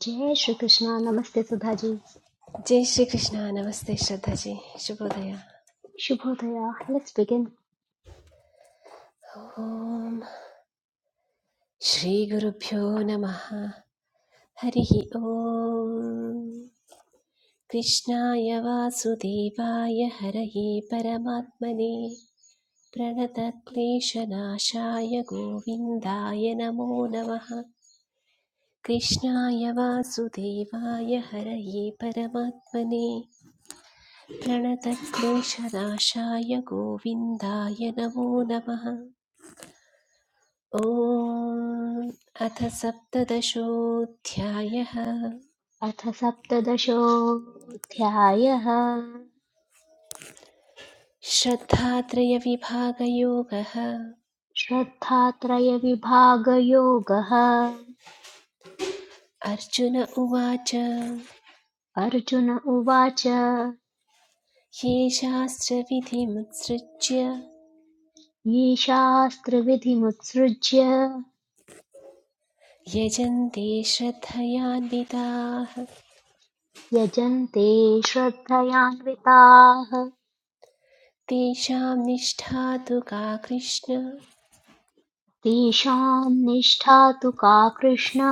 जय श्री कृष्णा नमस्ते सुधा जी जय श्री कृष्ण नमस्ते श्रद्धा जी शुभोदय शुभोदया लेट्स बिगिन ओम श्री गुरुभ्यो नमः हरिः ओम कृष्णाय वासुदेवाय हरये परमात्मने प्रणतक्लेशनाशाय गोविन्दाय नमो नमः कृष्णाय वासुदेवाय हरये परमात्मने प्रणतक्लेशनाशाय गोविन्दाय नमो नमः ॐ अथ सप्तदशोऽध्यायः अथ सप्तदशोऽध्यायः श्रद्धात्रयविभागयोगः श्रद्धात्रयविभागयोगः अर्जुन उवाच ये अर्जुन उवाच ये शास्त्रविधिमुत्सृज्य शास्त्रविधिमुत्सृज्य यजन्ते श्रद्धयान्विताः यजन्ते श्रद्धयान्विताः तेषां निष्ठा तु का कृष्ण तेषां निष्ठा तु का कृष्णा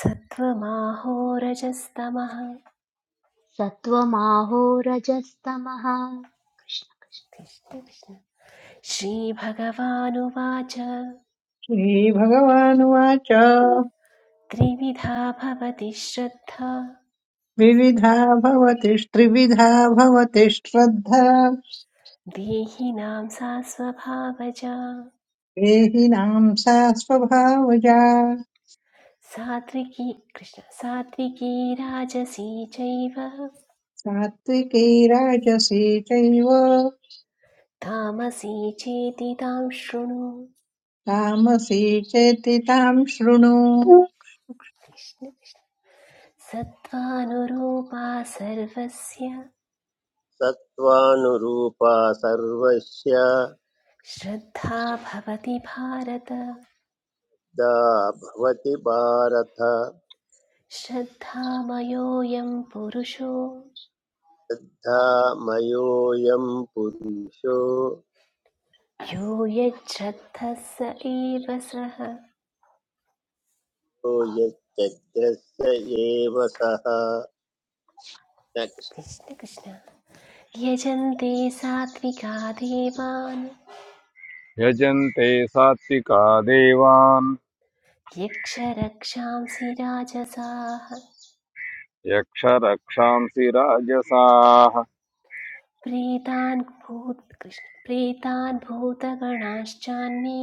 सत्त्वमाहोरजस्तमः सत्त्वमाहो रजस्तमः कृष्ण कृष्ण। श्रीभगवानुवाच श्रीभगवानुवाच त्रिविधा भवति श्रद्धा विविधा भवति त्रिविधा भवति श्रद्धा देहिनां सा स्वभावजा देहिनां सा स्वभावजा सात्विकी कृष्ण सात्विकी राजसी चैव सात्विकी राजसी चैव तामसी चेति तां शृणु तामसी चेति तां शृणु सत्त्वानुरूपा सर्वस्य सत्त्वानुरूपा सर्वस्य श्रद्धा भवति भारत दा भवति भारत श्रद्धामयोऽयं पुरुषो धा मयोऽयं पुरुषो यो यच्छ्रद्धः स एव सः यच्चग्रस्य एव सः Next. कृष्ण कृष्ण यजन्ते सात्विका देवान् यजन्ते सात्विका देवान् यक्षरक्षांसि राजसाः यक्षरक्षांसि राजसाः प्रीतान् भूत कृष्ण प्रीतान् भूतगणाश्चान्ये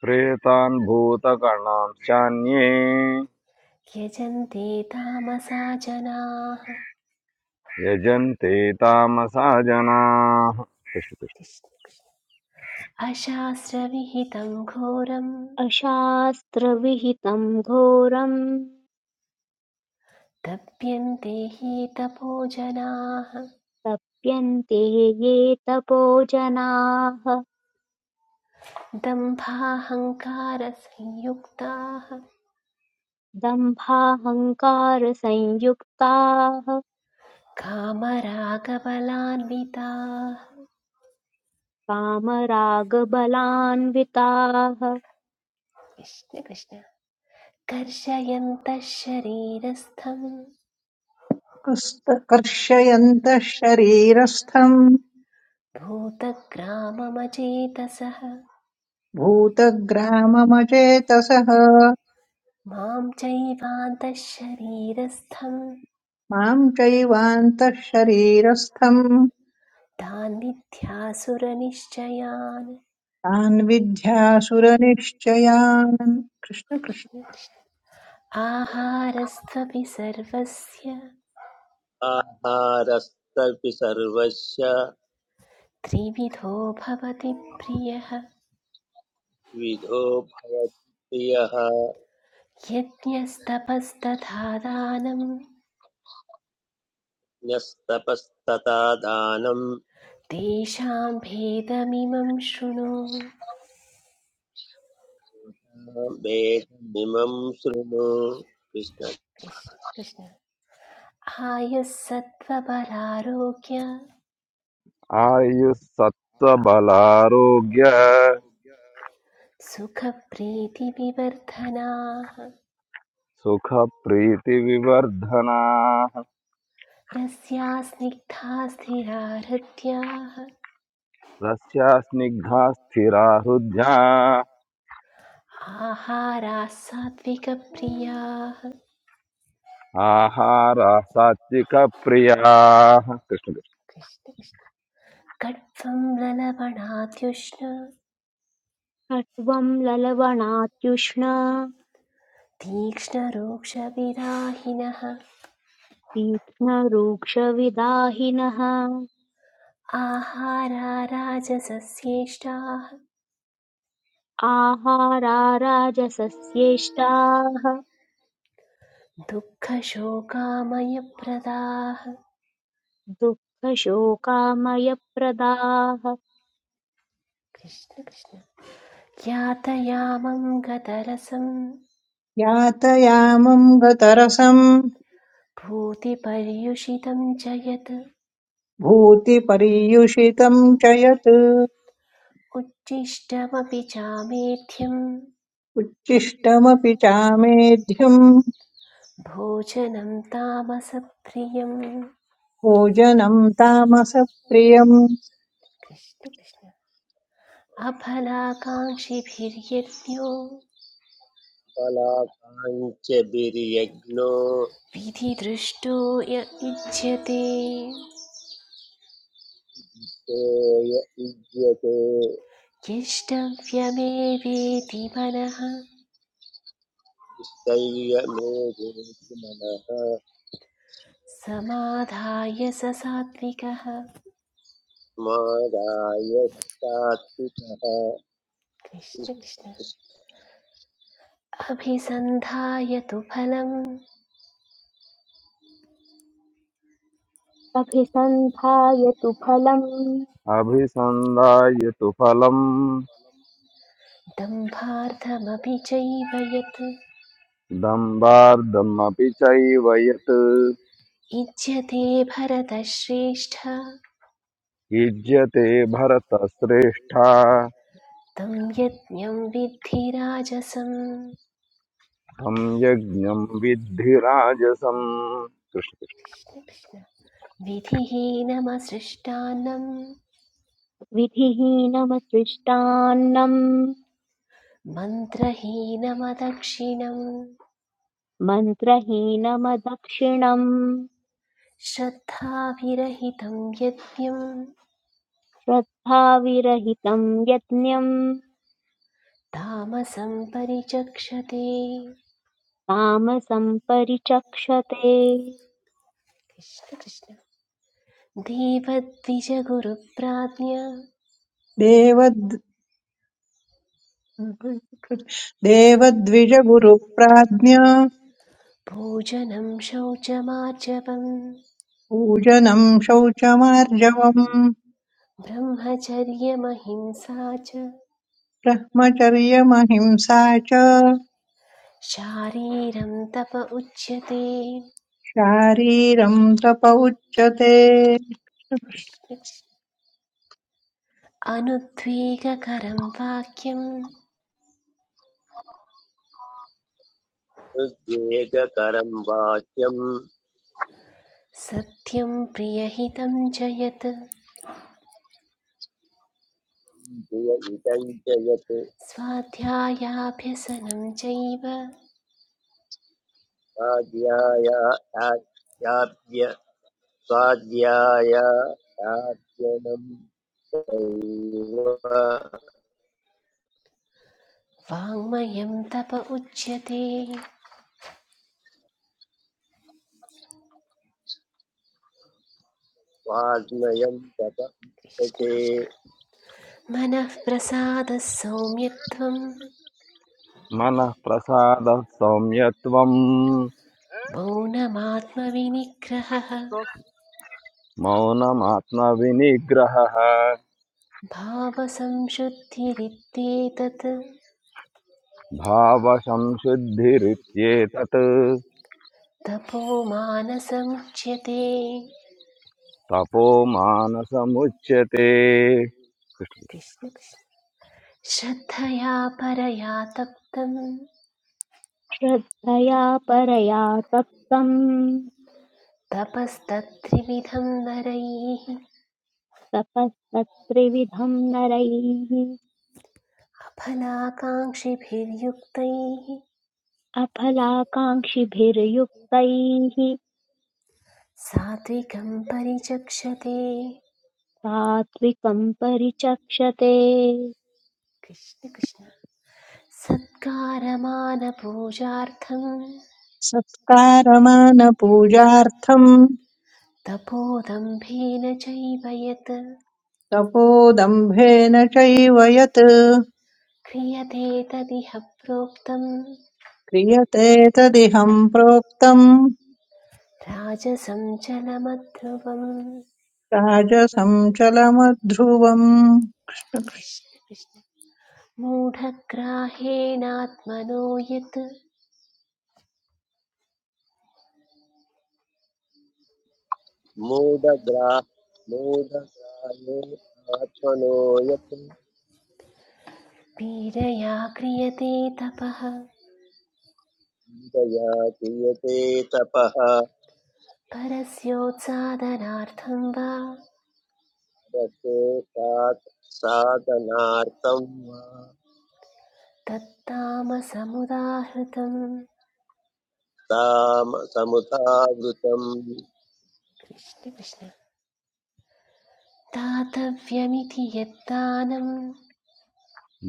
प्रेतान् भूतगणांश्चान्ये यजन्ते तामसा जनाः यजन्ते तामसा जनाः कृष्ण कृष्ण। अशास्त्रविहितं घोरं अशास्त्रविहितं घोरं दप्यन्ते हि तपो जनाः तप्यन्ते ये तपो जनाः दम्भाहङ्कारसंयुक्ताः दम्भाहङ्कारसंयुक्ताः कामरागबलान्विताः कामरागबलान्विताः कृष्ण कृष्ण कर्षयन्तः शरीरस्थम् कस्त- कर्षयन्तः शरीरस्थम् भूतग्राममचेतसः भूतग्राममचेतसः मां चैवान्तः शरीरस्थं मां चैवान्तः शरीरस्थम् तान् मिथ्यासुरनिश्चयान् तान् विद्यासुरनिश्चयान् कृष्ण कृष्ण आहारस्त्वपि सर्वस्य आहारस्तपि सर्वस्य त्रिविधो भवति प्रियः विधो भवति प्रियः यज्ञस्तपस्तथा दानं न्यस्तपस्तथा दानं तेषां भेदमिमं शृणु भेदमिमं शृणु कृष्ण कृष्ण आयुः सत्त्वबलारोग्य आयुः सत्त्वबलारोग्य सुखप्रीतिविवर्धनाः सुखप्रीतिविवर्धनाः रस्या स्निग्धा स्थिरा हृद्याः रस्यास्निग्धा स्थिरा हृद्या आहाराः सात्विकप्रियाः आहारा सात्विकप्रियाः कृष्ण कृष्ण। कृष्ण कृष्ण। कट्वं ललवणात्युष्ण कट्वं ललवणात्युष्ण तीक्ष्णरूक्षविराहिणः तीक्ष्णरूक्षविदाहिनः आहारा राजसस्येष्टाः आहाराराजसस्येष्टाः दुःखशोकामयप्रदाः दुःखशोकामयप्रदाः कृष्ण कृष्ण यातयामं गतरसं यातयामम् गतरसम् भूतिपर्युषितं च यत् भूतिपर्युषितम् च यत् उच्छिष्टमपि चामेध्यं उच्छिष्टमपि चामेध्यम् भोजनं तामसप्रियं भोजनम् तामसप्रियम् कृष्ण कृष्ण अफलाकाङ्क्षिभिर्यज्ञो कृष्णकलाकाञ्च बिर्यज्ञो विधिदृष्टो य इच्छ्यते य युज्यते यष्टव्यमेवेति मनः स्थैर्य लोभेति मनः समाधाय स सात्विकः मादाय सात्विकः कृष्ण कृष्ण अभिसन्धाय तु फलम् अभिसन्धायतु फलम् अभिसन्धाय तु फलम् दम्भार्थमपि चैव यत् दम्बार्धमपि चैव यत् इज्यते भरतश्रेष्ठ युज्यते भरतश्रेष्ठा तं यज्ञं विद्धि राजसं तं यज्ञं विद्धि राजसम् कृष्ण- विधिहीनमसृष्टान्नं विधिहीनमसृष्टान्नम् मन्त्रहीनमदक्षिणं मन्त्रहीनमदक्षिणम् श्रद्धाभिरहितं यज्ञं श्रद्धाविरहितम् यज्ञम् तामसं परिचक्षते तामसम् परिचक्षते कृष्ण कृष्ण देवद्विजगुरुप्राज्ञ देवद् देवद्विजगुरुप्राज्ञ भोजनं शौचमार्जवम् पूजनम् शौचमार्जवम् ब्रह्मचर्यमहिंसा च ब्रह्मचर्यमहिंसा च शारीरं तप उच्यते शारीरं तप उच्यते अनुद्वेगकरं वाक्यं उद्वेगकरं वाक्यं सत्यं प्रियहितं च यत् प्रिय इदं च यत् स्वाध्यायाभ्यसनं चैव स्वाध्याय स्वाध्याय स्वाध्यायाध्ययनं वाङ्मयं तप उच्यते वाग्मयं तपते मनः प्रसादः सौम्यत्वं मनः प्रसादः सौम्यत्वम् मौनमात्मविनिग्रहः मौनमात्मविनिग्रहः भावसंशुद्धिरित्येतत् भावसंशुद्धिरित्येतत् तपो मानसमुच्यते तपो मानसमुच्यते कृष्ण कृष्ण श्रद्धया परया तप्तम् श्रद्धया परया तप्तम् तपस्तत्त्रिविधं नरैः तपस्तत्त्रिविधम् नरैः अफलाकाङ्क्षिभिर्युक्तैः अफलाकाङ्क्षिभिर्युक्तैः सात्विकं परिचक्षते सात्विकम् परिचक्षते कृष्ण कृष्ण सत्कारमानपूजार्थं सत्कारमानपूजार्थम् तपोदम्भेन चैव यत् तपोदम्भेन चैव यत् क्रियते तदिह प्रोक्तं क्रियते तदिहं प्रोक्तम् राजसं चलमध्रुवम् राजसं चलमध्रुवम् कृष्ण कृष्ण मूढग्राहेणात्मनो यत् मूढग्रा मूढग्रायो आत्मनो यत् पीडया क्रियते तपः विदया क्रियते तपः परस्योत्सादनार्थं वा रते सात् साधनार्थं वा तत्तामसमुदाहृतम् ताम समुदावृतम् कृष्ण कृष्ण दातव्यमिति यद्दानं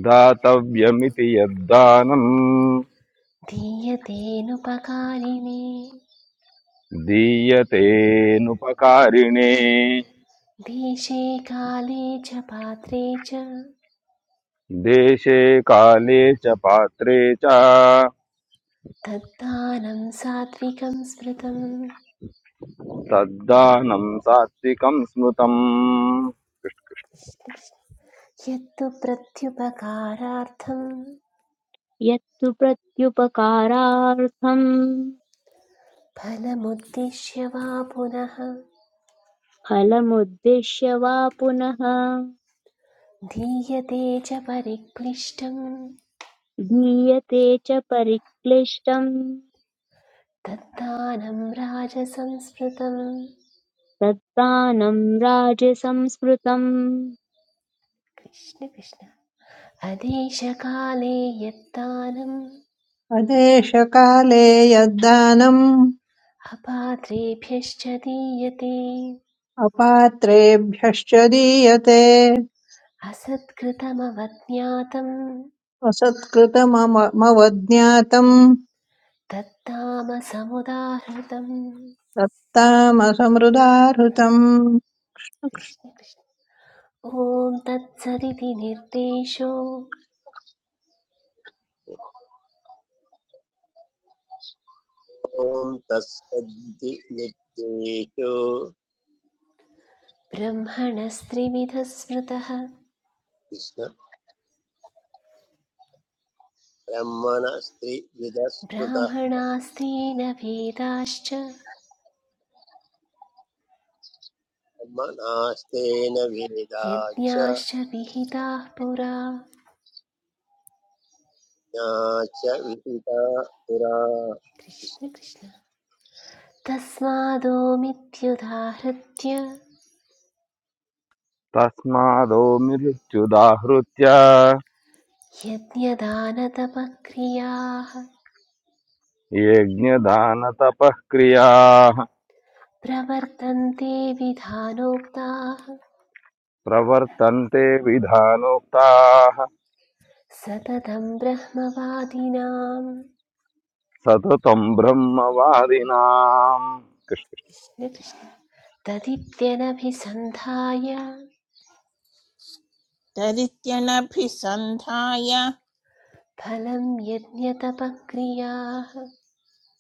दातव्यमिति यद्दानम् दीयतेनुपकारिणे दीयतेऽनुपकारिणे देशे काले च पात्रे च देशे काले च पात्रे च तद्दानं सात्विकं स्मृतम् तद्दानं सात्विकं स्मृतम् यत्तु प्रत्युपकारार्थं यत्तु प्रत्युपकारार्थं फलमुद्दिश्य वा पुनः फलमुद्दिश्य वा पुनः दीयते च परिक्लिष्टं दीयते च परिक्लिष्टम् तद्दानं राजसंस्मृतम् तद्दानं राजसंस्मृतम् कृष्ण कृष्ण अदेशकाले यत्तानम् अदेशकाले यद्दानम् अपात्रेभ्यश्च दीयते अपात्रेभ्यश्च दीयते असत्कृतमवज्ञातं असत्कृतमवज्ञातम् तत्तामसमुदाहृतम् दत्तामसमृदाहृतम् कृष्ण कृष्ण ॐ तत्सदिति निर्देशो ॐ तस्सद्धि नित्येषु ब्रह्मणस्त्रिविधः स्मृतः कृष्ण ब्रह्मणस्त्रिविदस्मृतः ब्राह्मणास्तेन वेदाश्च ब्रह्मणास्तेन वेदा च यज्ञाश्च विहिताः पुरा ज्ञा च विहिता पुरा कृष्ण कृष्ण तस्मादोमित्युदाहृत्य तस्मादो मृत्युदाहृत्य यज्ञदानतपक्रियाः यज्ञदानतपः क्रियाः प्रवर्तन्ते विधानोक्ताः प्रवर्तन्ते विधानोक्ताः सततं ब्रह्मवादिनाम् सततं ब्रह्मवादिनाम् कृष्ण कृष्ण। कृष्ण। तदित्यनभिसन्धाय तदित्यनभिसन्धाय फलं यज्ञतपक्रियाः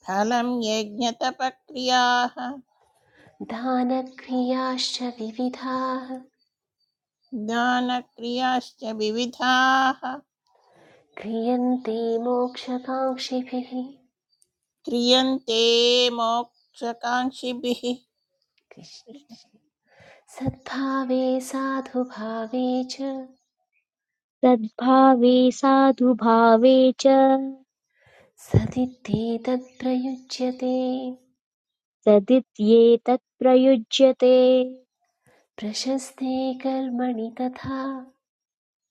फलं यज्ञतपक्रियाः दानक्रियाश्च विविधाः दानक्रियाश्च विविधाः क्रियन्ते मोक्षकाङ्क्षिभिः क्रियन्ते मोक्षकाङ्क्षिभिः कृष्ण कृष्ण। कृष्ण। सद्भावे साधुभावे च सद्भावे साधुभावे च सदित्येतत्प्रयुज्यते सदित्येतत् प्रयुज्यते प्रशस्ते कर्मणि तथा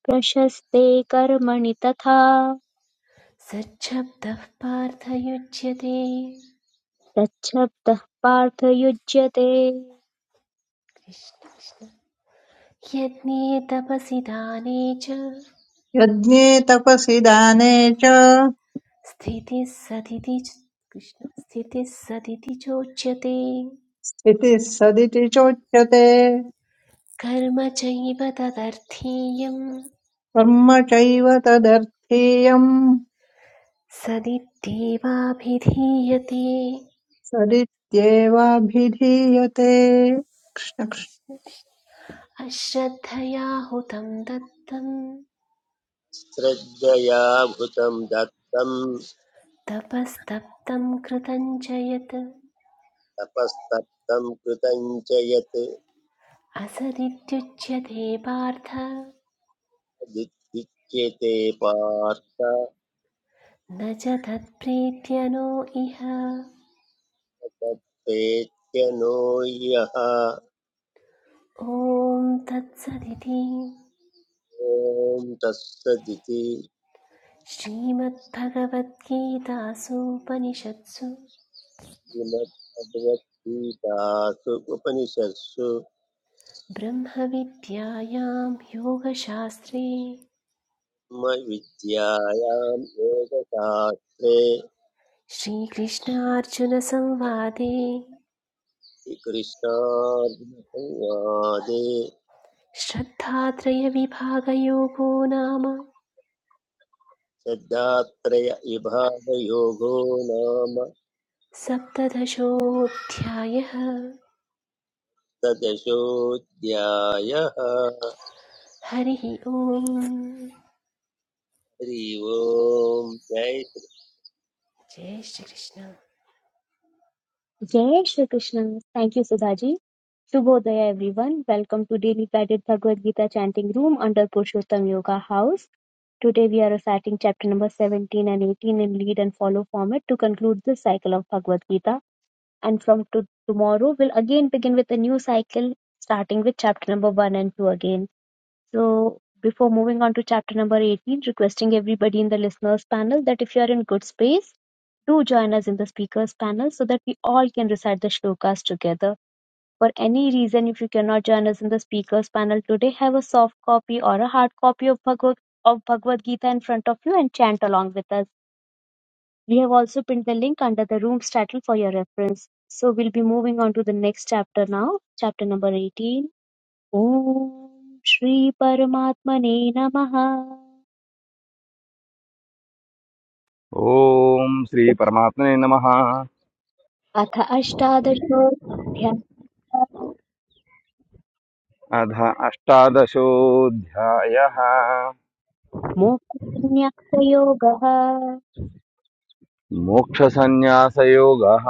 प्रशस्ते कर्मणि तथा सच्छब्दः पार्थयुज्यते तच्छब्दः पार्थयुज्यते कृष्ण कृष्ण। यज्ञे तपसि दाने च यज्ञे तपसि दाने च स्थितिः सदिति कृष्ण स्थितिः सदिति चोच्यते इति सदिति चोच्यते कर्म चैव तदर्थीयं कर्म चैव तदर्थीयम् सदित्येवाभिधीयते सदित्येवाभिधीयते अश्रद्धया हुतं दत्तं श्रद्धया भूतं दत्तं तपस्तप्तं कृतं च यत् तपस्तप्तं कृतं च यत् असदित्युच्यते पार्थ दिच्यते पार्थ न च तत्प्रीत्यनो इह तत्पेत्य नो यः ॐ तत्सदिति ॐ तत्सदिति श्रीमद्भगवद्गीतासूपनिषत्सु श्रीमद्भगवद्गीतासु उपनिषत्सु ब्रह्मविद्यायां योगशास्त्रे विद्यायां योगशास्त्रे श्रीकृष्णार्जुनसंवादे कृष्णार्जुनसंवादे श्रद्धात्रयविभागयोगो नाम श्रद्धात्रयविभागयोगो नाम सप्तदशोऽध्यायः सप्तदशोऽध्यायः हरिः ओम् हरि ओम् जय जय Shrikrishna Jai Shri Krishna. Thank you, Sudhaji. Shubhodaya, everyone. Welcome to Daily Guided Bhagavad Gita Chanting Room under Purushottam Yoga House. Today we are reciting chapter number 17 and 18 in lead and follow format to conclude this cycle of Bhagavad Gita. And from to- tomorrow, we'll again begin with a new cycle starting with chapter number 1 and 2 again. So before moving on to chapter number 18, requesting everybody in the listeners panel that if you are in good space, do join us in the speakers panel so that we all can recite the shlokas together. For any reason, if you cannot join us in the speakers panel today, have a soft copy or a hard copy of Bhagavad, of Bhagavad Gita in front of you and chant along with us. We have also pinned the link under the room's title for your reference. So we'll be moving on to the next chapter now, chapter number 18 ॐ श्रीपरमात्मने नमः ॐ श्रीपरमात्मने नमः अथ अष्टादशोऽध्यायः अध अष्टादशोऽध्यायः मोक्षसंन्यासयोगः मोक्षसन्न्यासयोगः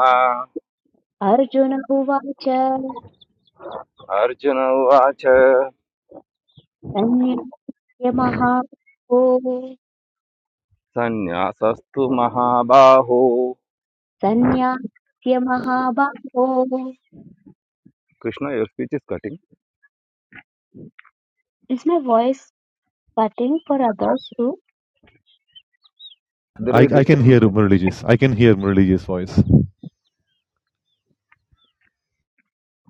अर्जुन उवाच अर्जुन उवाच सन्न्यास्य महाबाहो सन्न्यासस्तु महाबाहो सन्न्यास्य महाबाहो Krishna your speech is cutting is my voice cutting for others to there I, is I can hear disturbance Murali's. I can hear Murali's voice.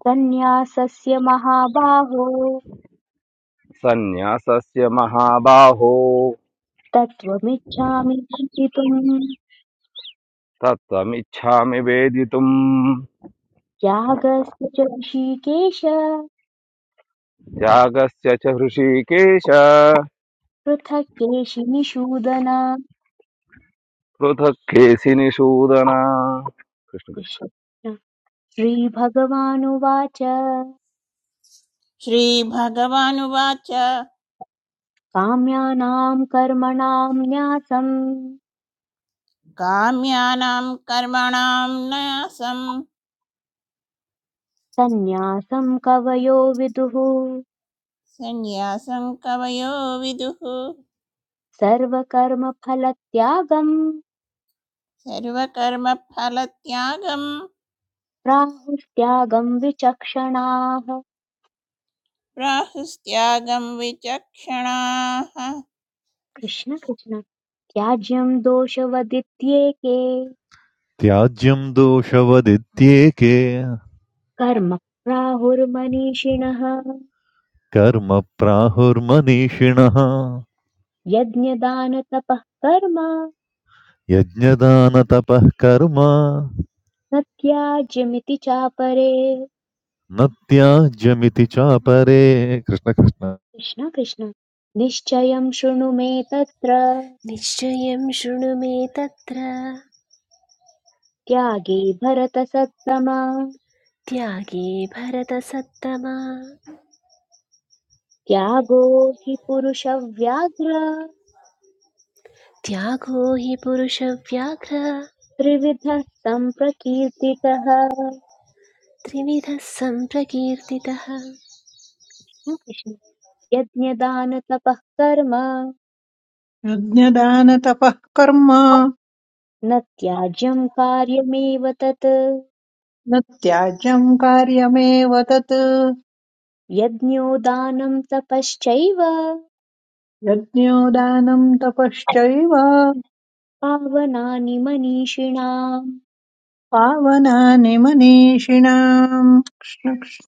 सन्न्यासस्य महाबाहो सन्न्यासस्य महाबाहो तत्त्वमिच्छामि चिन्तितुम् तत्त्वमिच्छामि वेदितुम् त्यागस्य च ऋषिकेश त्यागस्य च हृषीकेश पृथक् केशिनिषूदना पृथक् केसि निषूदन कृष्ण कृष्ण कृष्ण- श्रीभगवानुवाच श्रीभगवानुवाच काम्यानां कर्मणां न्यासं काम्यानां कर्मणां न्यासं सन्न्यासं कवयो विदुः सन्न्यासं कवयो विदुः सर्वकर्मफलत्यागं सर्वकर्मफलत्यागं प्राहुस्त्यागं विचक्षणाः प्राहुस्त्यागं विचक्षणाः कृष्ण कृष्ण त्याज्यं दोषवदित्येके त्याज्यं दोषवदित्येके कर्म प्राहुर्मनीषिणः कर्म प्राहुर्मनीषिणः यज्ञदानतपः कर्म यज्ञदानतपः कर्म न त्याज्यमिति चापरे न त्याज्यमिति चापरे कृष्ण कृष्ण कृष्ण कृष्ण निश्चयं शृणु मे तत्र निश्चयं शृणु मे तत्र त्यागे भरतसत्तम त्यागे भरतसत्तमा त्यागो हि पुरुषव्याघ्र त्यागो हि पुरुषव्याघ्र त्रिविधः सम्प्रकीर्तितः कृष्ण त्रिविधः सम्प्रकीर्तितः कृष्ण यज्ञदानतपः कर्म यज्ञदानतपः कर्म न त्याज्यं कार्यमेव तत् न त्याज्यं कार्यमेव तत् यज्ञो दानं तपश्चैव यज्ञो दानं तपश्चैव पावनानि मनीषिणाम् पावनानि मनीषिणाम् कृष्ण कृष्ण।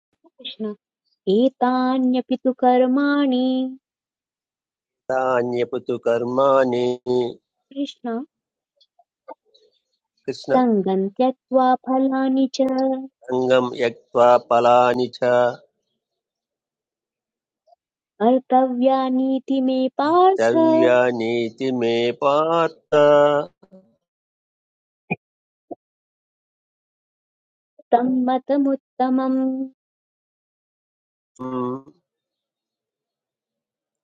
एतान्यपि तु कर्माणि तान्यपुतु कर्माणि कृष्ण कृष्ण सङ्गम् त्यक्त्वा फलानि च सङ्गम् यक्त्वा फलानि च कर्तव्यानीति मे पार्थ द्रव्यानीति मे पार्थ तन्मतमुत्तमम् म्,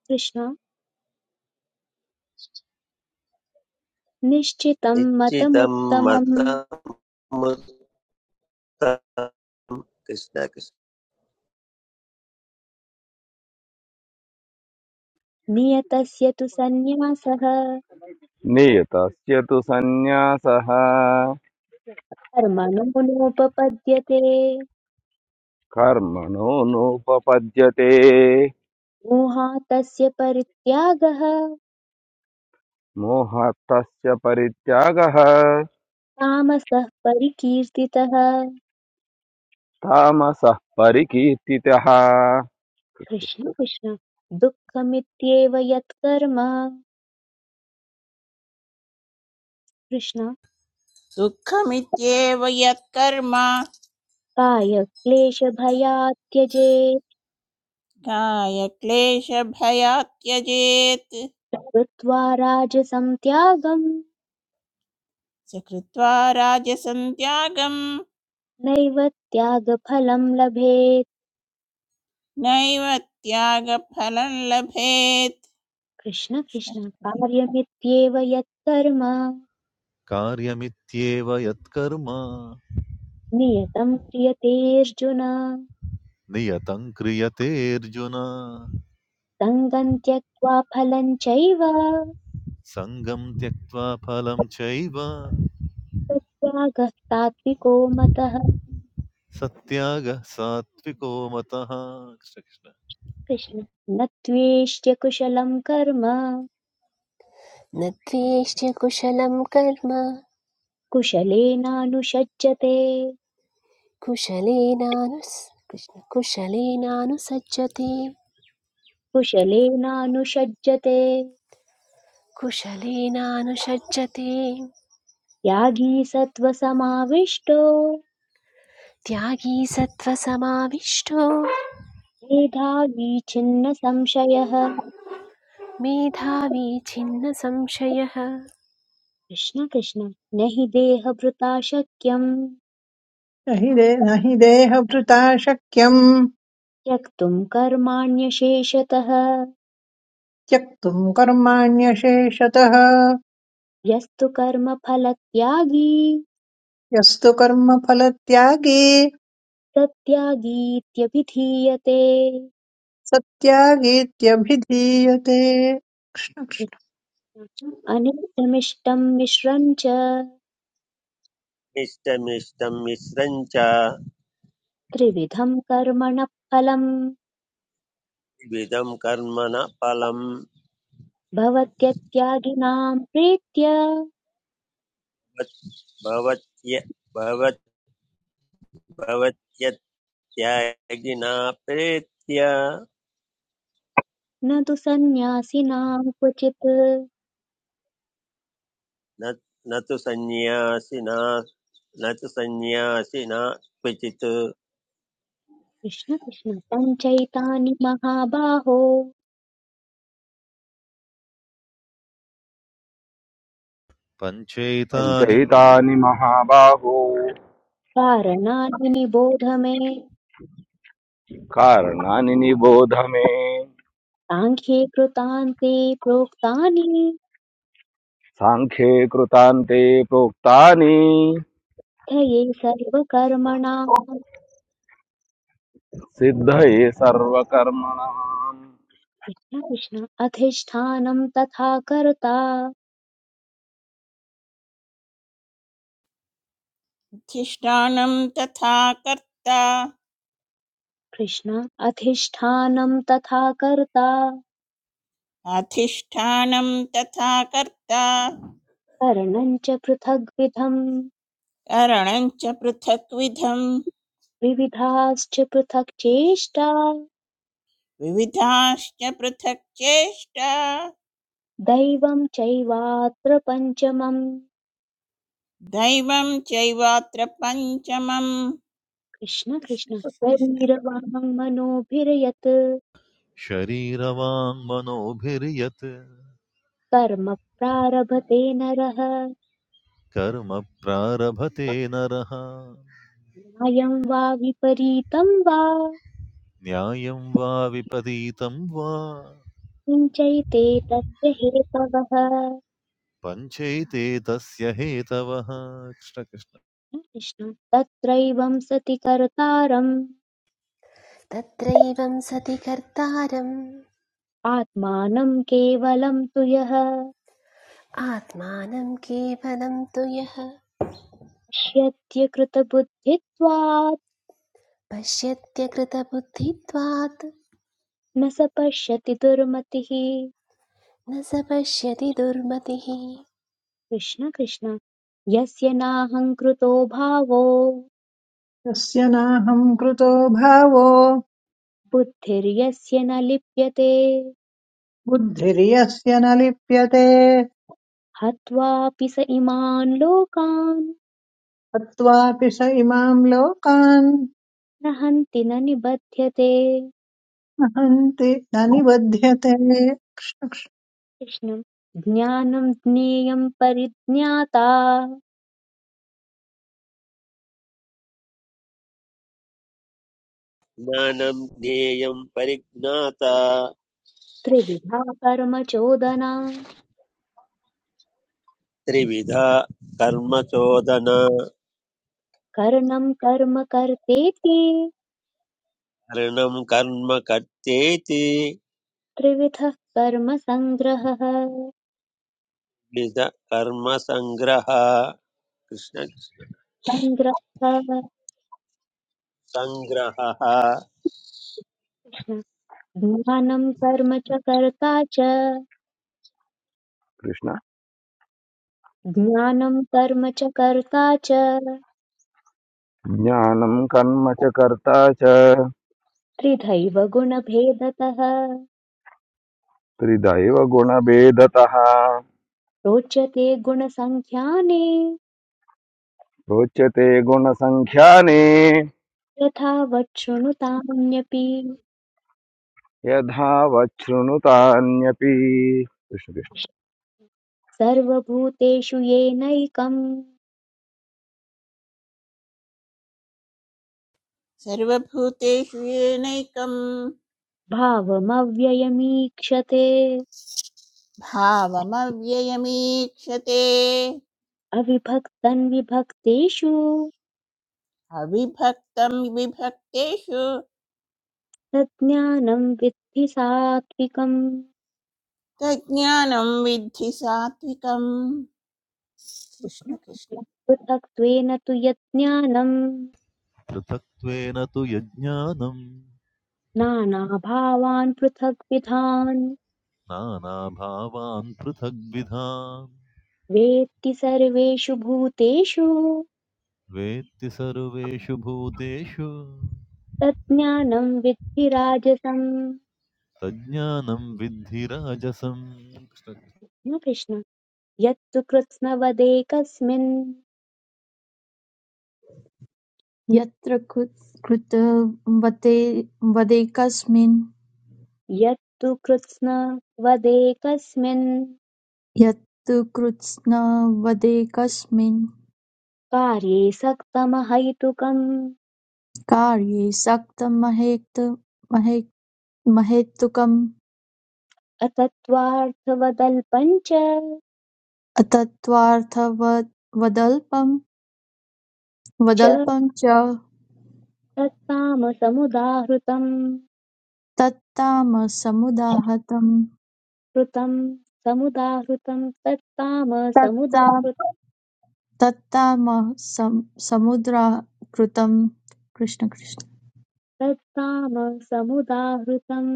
कृष्ण निश्चितं निश्चितं मतमुत्तमम् मतमुत्तरम् कृष्ण कृष्ण नियतस्य तु सन्न्यासः नियतस्य तु सन्न्यासः कर्मणो नोपपद्यते कर्मणो नोपपद्यते मोहातस्य परित्यागः मोहस्तस्य परित्यागः तामसः परिकीर्तितः तामसः परिकीर्तितः कृष्ण कृष्ण दुःखमित्येव यत्कर्म कृष्ण सुखमित्येव यत्कर्म कायक्लेशभयात् त्यजेत् काय क्लेशभयात् त्यजेत् कृत्वा राजसं त्यागं स कृत्वा राजसं त्यागं नैव त्यागफलं लभेत् नैव त्यागफलं लभेत् कृष्ण कृष्ण कार्यमित्येव यत्कर्म कार्यमित्येव यत्कर्म नियतं क्रियतेऽर्जुन नियतं क्रियते अर्जुन सङ्गं त्यक्त्वा फलं चैव सङ्गं त्यक्त्वा फलं चैव तत्त्यागः सात्विको मतः सत्यागः सात्विको मतः कृष्ण कृष्ण कृष्ण न त्वेष्ट्य कुशलं कर्म न द्वेष्य कुशलं कर्म कुशलेनानुषज्यते कुशलेनानुस् कृष्ण कुशलेनानुसज्जते कुशलेनानुषज्यते कुशलेनानुषज्जते त्यागी सत्त्वसमाविष्टो त्यागी सत्त्वसमाविष्टो मेधावी छिन्न संशयः मेधावी छिन्नसंशयः कृष्ण कृष्ण न हि देहभृता शक्यम् न हि दे- न हि देहभृता शक्यम् त्यक्तुम् कर्माण्यशेषतः त्यक्तुम् कर्माण्यशेषतः यस्तु कर्मफलत्यागी यस्तु कर्मफलत्यागे सत्यागीत्यभिधीयते सत्यागेत्यभिधीयते कृष्ण कृष्ण। कृष्ण अनिष्टमिष्टम् मिश्रम् च इष्टमिष्टं मिश्रं च त्रिविधम् कर्मण फलम् विविधं कर्मण फलं भवत्यत्यागिनाम् प्रीत्य भवत्य भवत् भवत्य त्यागिना प्रेत्या न तु सन्न्यासिनाम् क्वचित् न न तु सन्न्यासिना न तु सन्न्यासिना क्वचित् कृष्ण कृष्ण पञ्चैतानि महाबाहो पञ्चैतानि पञ्चैतानि महाबाहो कारणानि निबोध मे कारणानि निबोध मे साङ्ख्ये कृतान्ते प्रोक्तानि साङ्ख्ये कृतान्ते प्रोक्तानि धये सर्वकर्मणाम् सिद्धये सर्वकर्मणाम् कृष्ण कृष्ण अधिष्ठानं तथा कर्ता अधिष्ठानं तथा कर्ता कृष्ण अधिष्ठानं तथा कर्ता अधिष्ठानं तथा कर्ता करणं च पृथग्विधम् करणं च पृथक्विधं विविधाश्च पृथक् चेष्टा विविधाश्च पृथक् चेष्टा दैवं चैवात्र पञ्चमम् दैवं चैवात्र पञ्चमम् कृष्ण कृष्ण कृष्ण कृष्ण शरीरवाङ् मनोभिर्यत् शरीरवाङ्मनोभिर्यत् कर्म प्रारभते नरः कर्म प्रारभते नरः न्यायं वा विपरीतं वा न्यायं वा विपरीतं वा सिञ्चैते तस्य हेतवः पञ्चैते तस्य हेतवः कृष्णकृष्ण कृष्ण तत्रैवं सति कर्तारम् तत्रैवं सति कर्तारम् आत्मानं केवलं तु यः आत्मानं केवलं तु यः पश्यत्य कृतबुद्धित्वात् पश्यत्यकृतबुद्धित्वात् न स पश्यति दुर्मतिः न स पश्यति दुर्मतिः कृष्ण कृष्ण यस्य नाहङ्कृतो भावो यस्य नाहम् कृतो भावो बुद्धिर्यस्य न लिप्यते बुद्धिर्यस्य न लिप्यते हत्वापि स इमान् लोकान् तत्त्वापि स इमाम् लोकान् न हन्ति न निबध्यते न हन्ति न निबध्यते कृष्णम् ज्ञानं ज्ञेयं परिज्ञाता ज्ञानं ज्ञेयं परिज्ञाता त्रिविधा कर्म चोदना त्रिविधा कर्मचोदना कर्णं कर्म कर्तेति हरणं कर्म कर्तेति त्रिविधः कर्म सङ्ग्रहः द्विध कर्मसङ्ग्रह कृष्ण सङ्ग्रहः सङ्ग्रहः कृष्ण। ज्ञानं कर्म च कर्ता च कृष्ण ज्ञानं कर्म च कर्ता च ज्ञानं कर्म च कर्ता च त्रिधैव गुणभेदतः त्रिदैव गुणभेदतः रोचते गुणसङ्ख्याने रोचते गुणसङ्ख्याने यथावत् शृणुतामन्यपि यथा वच्छृणुतान्यपि कृष्ण कृष्ण। सर्वभूतेषु येनैकम् सर्वभूतेषु येनैकं भावमव्ययमीक्षते भावमव्ययमीक्षते अविभक्तन् विभक्तेषु अविभक्तं विभक्तेषु तज्ज्ञानम् विद्धि सात्विकम् तज्ज्ञानं विद्धि सात्विकम् कृष्ण कृष्ण पृथक्त्वेन तु यज्ञानम् पृथक्त्वेन तु यज्ञानं नानाभावान् पृथग्विधान् नानाभावान् पृथग्विधान् वेत्ति सर्वेषु भूतेषु वेत्ति सर्वेषु भूतेषु तज्ज्ञानं विद्धि राजसं। तज्ज्ञानं विद्धि राजसम् न कृष्ण यत्तु कृत्स्नवदेकस्मिन् यत्र कृतवदेकस्मिन् यत्तु कृत्स्नवदेकस्मिन् यत्कृतवदेकस्मिन् कार्ये सक्तमहैतुकम् कार्ये सक्तमहैतुकं अतत्त्वार्थवदल्पं च तत्त्वार्थवदल्पं च च तत्तामसमुदाहृतम् तत्तामसमुदाहतं कृतम् समुदाहृतं तत्तामसमुदाहृत तत्तामसमुद्राहृतं कृष्ण कृष्ण तत्तामसमुदाहृतम्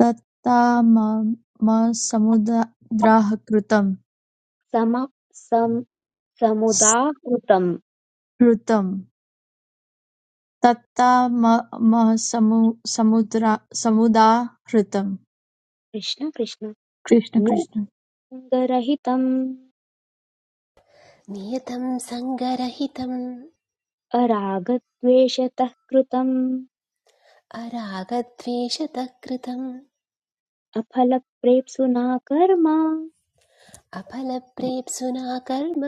तत्तामसमुद्राहृतम् सम सम् समुदाहृतम् ऋतं तत्तमसमुदाहृतम् कृष्ण कृष्ण कृष्ण कृष्ण न्यसङ्गरहितम् नियतं सङ्गरहितम् अरागद्वेषतः कृतम् अरागद्वेषतः कृतम् अफलप्रेप्सुना कर्म अपलप्रेप्सुना कर्म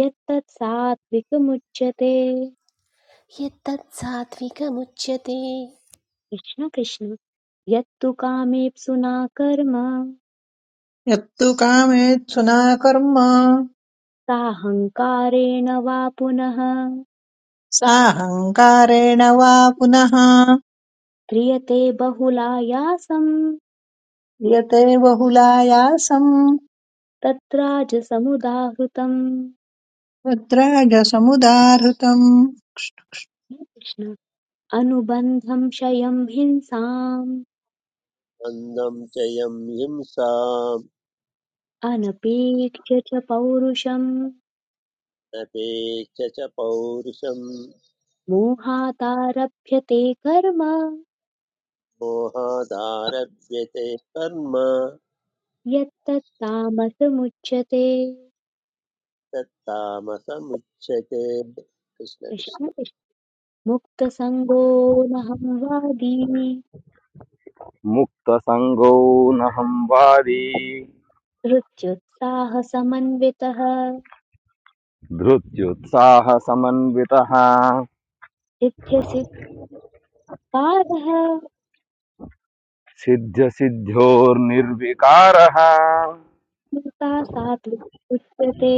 यत्तत् सात्विकमुच्यते यत्तत्सात्विकमुच्यते कृष्ण कृष्ण यत्तु कामेप्सुना कर्म यत्तु कामेत्सुना कर्म साहङ्कारेण वा पुनः साहङ्कारेण वा पुनः क्रियते बहुलायासम् यते बहुलायासम् तत्राजसमुदाहृतम् तद्राजसमुदाहृतम् कृष्ण अनुबन्धं क्षयं हिंसाम् मन्दं च यं हिंसां अनपेक्ष्य च पौरुषम् नपेक्ष च पौरुषम् मोहादारभ्यते कर्म मोहादारभ्यते कर्म यत्तत्तामसमुच्यते तत्तामसमुच्यते कृष्ण कृष्ण कृष्ण कृष्ण। मुक्तसङ्गोऽहं वादी मुक्तसङ्गो न संवादी हृत्युत्साहसमन्वितः धृत्युत्साहसमन्वितः सिद्ध्यसिद्धारः सिद्ध्यसिद्ध्योर्निर्विकारः स्मृता सात्विक उच्यते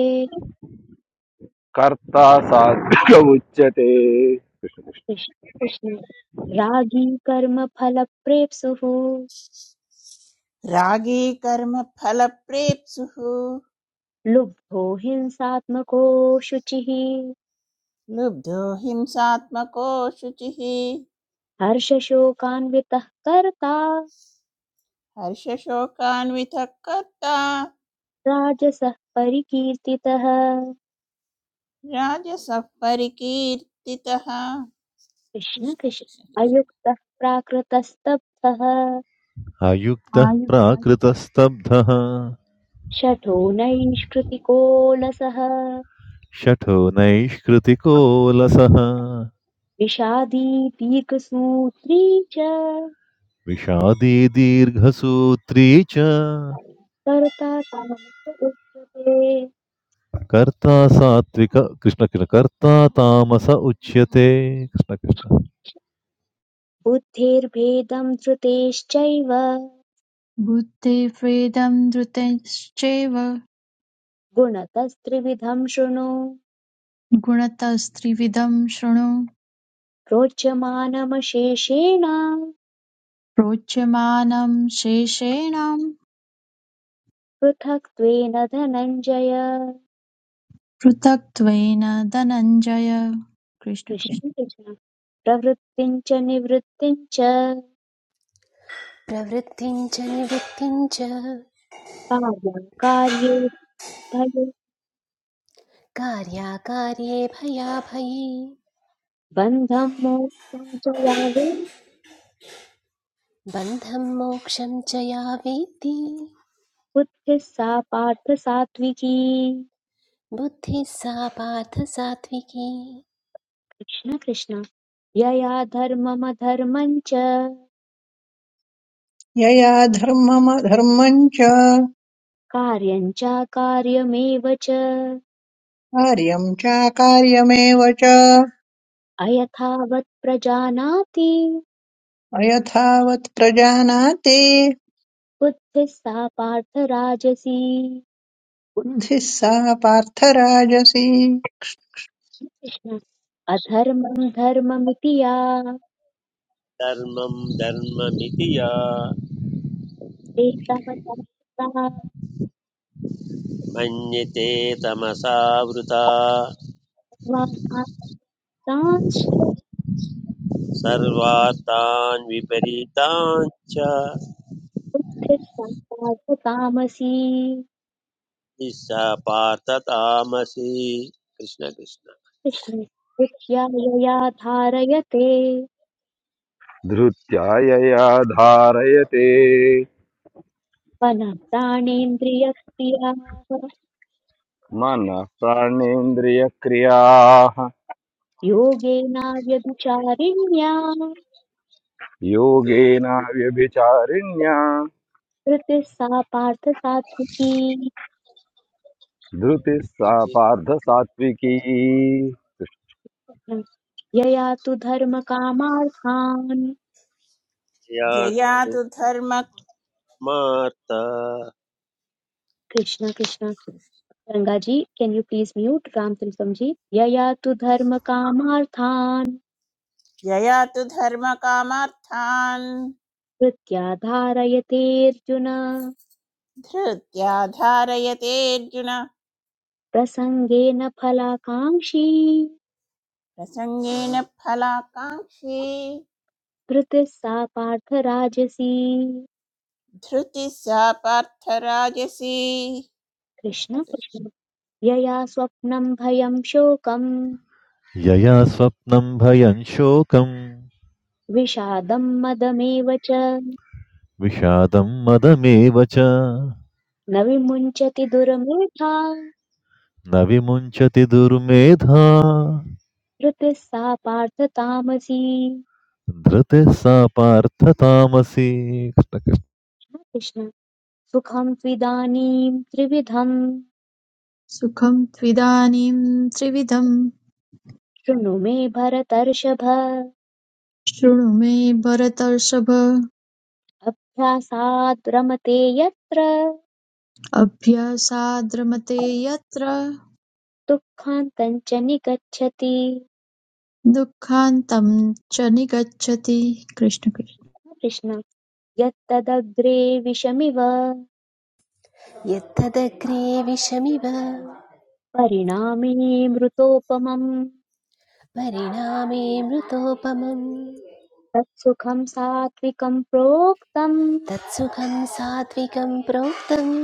कर्ता सात्विक उच्यते कृष्ण कृष्ण। रागी कर्मफलप्रेप्सुः रागी कर्म फलप्रेप्सुः लुब्धो हिंसात्मको शुचिः लुब्धो हिंसात्मको शुचिः हर्षशोकान्वितः कर्ता हर्षशोकान्वितः कर्ता राजसः परिकीर्तितः राजसः परिकीर्तितः कृष्ण कृष्ण कृष्ण कृष्ण कृष्ण अयुक्तः प्राकृतस्तब्धः अयुक्तः प्राकृतस्तब्धः शठो नैष्कृतिकोलसः शठो नैष्कृतिको लसः विषादी दीर्घसूत्री च विषादी दीर्घसूत्री च कर्ता कामस्तु उच्यते कर्ता सात्विक कृष्ण कृष्ण कर्ता तामस उच्यते कृष्ण कृष्ण बुद्धिर्भेदं धृतेश्चैव आयुर्बुद्धिभेदं धृतश्चैव गुणतस्त्रिविधं शृणु गुणतस्त्रिविधं शृणु रोचमानमशेषेण प्रोच्यमानं शेषेणां पृथक्त्वेन धनञ्जय पृथक्त्वेन धनञ्जय कृष्ण कृष्ण कृष्ण कृष्ण प्रवृत्तिं च निवृत्तिं च प्रवृत्तिं च निवृत्तिं च कार्यं कार्ये भये कार्याकार्ये भयाभये बन्धं मोक्षं च या वै बन्धं मोक्षं च या वेत्ति बुद्धिः सा पार्थ सात्विकी बुद्धिः सा पार्थ सात्विकी कृष्ण कृष्ण यया धर्ममधर्मं च यया धर्मम धर्मम् च कार्यं चाकार्यमेव च कार्यम् चाकार्यमेव च अयथावत् प्रजानाति अयथावत् प्रजानाति बुद्धिः सा पार्थ राजसी बुद्धिः सा पार्थराजसी कृष्ण अधर्मं धर्ममिति या धर्मं धर्ममिति या एतवता मन्यते तमसावृता वातांश्च सर्वार्थान् विपरीतान् च तामसी निस्सा पार्थ तामसि कृष्ण कृष्ण कृष्ण कृत्या यया धारयते धृत्या यया धारयते मनः प्राणेन्द्रियक्रियाः मनः प्राणेन्द्रियक्रियाः योगेनाव्यभिचारिण्या योगेन योगिभिः व्यभिचारिण्या कृतिः सा पार्थ सात्विकी धृतिः सा पार्थसात्विकी यया तु धर्मकामार्थान् जया यातु तु धर्म मार्थ Krishna Krishna Ganga ji can you please mute Ram Tilakam ji यया तु धर्मकामार्थान् जया तु धर्मकामार्थान् कृत्या धारयते अर्जुन धृत्या धारयते अर्जुन प्रसङ्गेन फलाकाङ्क्षी प्रसङ्गेन फलाकाङ्क्षी धृतिः सा पार्थ राजसी धृतिः सा पार्थराजसी कृष्ण कृष्ण कृष्ण कृष्ण यया स्वप्नम् भयम् शोकम् यया स्वप्नं भयं शोकं विषादम् मदमेव च विषादं मदमेव च न विमुञ्चति दुर्मेधा न विमुञ्चति दुर्मेधा धृतिः सा पार्थ तामसी धृतिः सा पार्थ तामसी कृष्ण सुखं त्विदानीम् त्रिविधं। सुखं त्विदानीं त्रिविधं शृणु मे भरतर्षभ शृणु मे भरतर्षभ अभ्यासाद् रमते यत्र अभ्यासाद्रमते यत्र दुःखान्तम् निगच्छति दुःखान्तं च निगच्छति कृष्ण कृष्ण कृष्ण यत्तदग्रे विषमिव यत्तदग्रे विषमिव परिणामे मृतोपमम् परिणामे मृतोपमं तत्सुखं सात्विकं प्रोक्तम् तत्सुखं सात्विकं प्रोक्तम्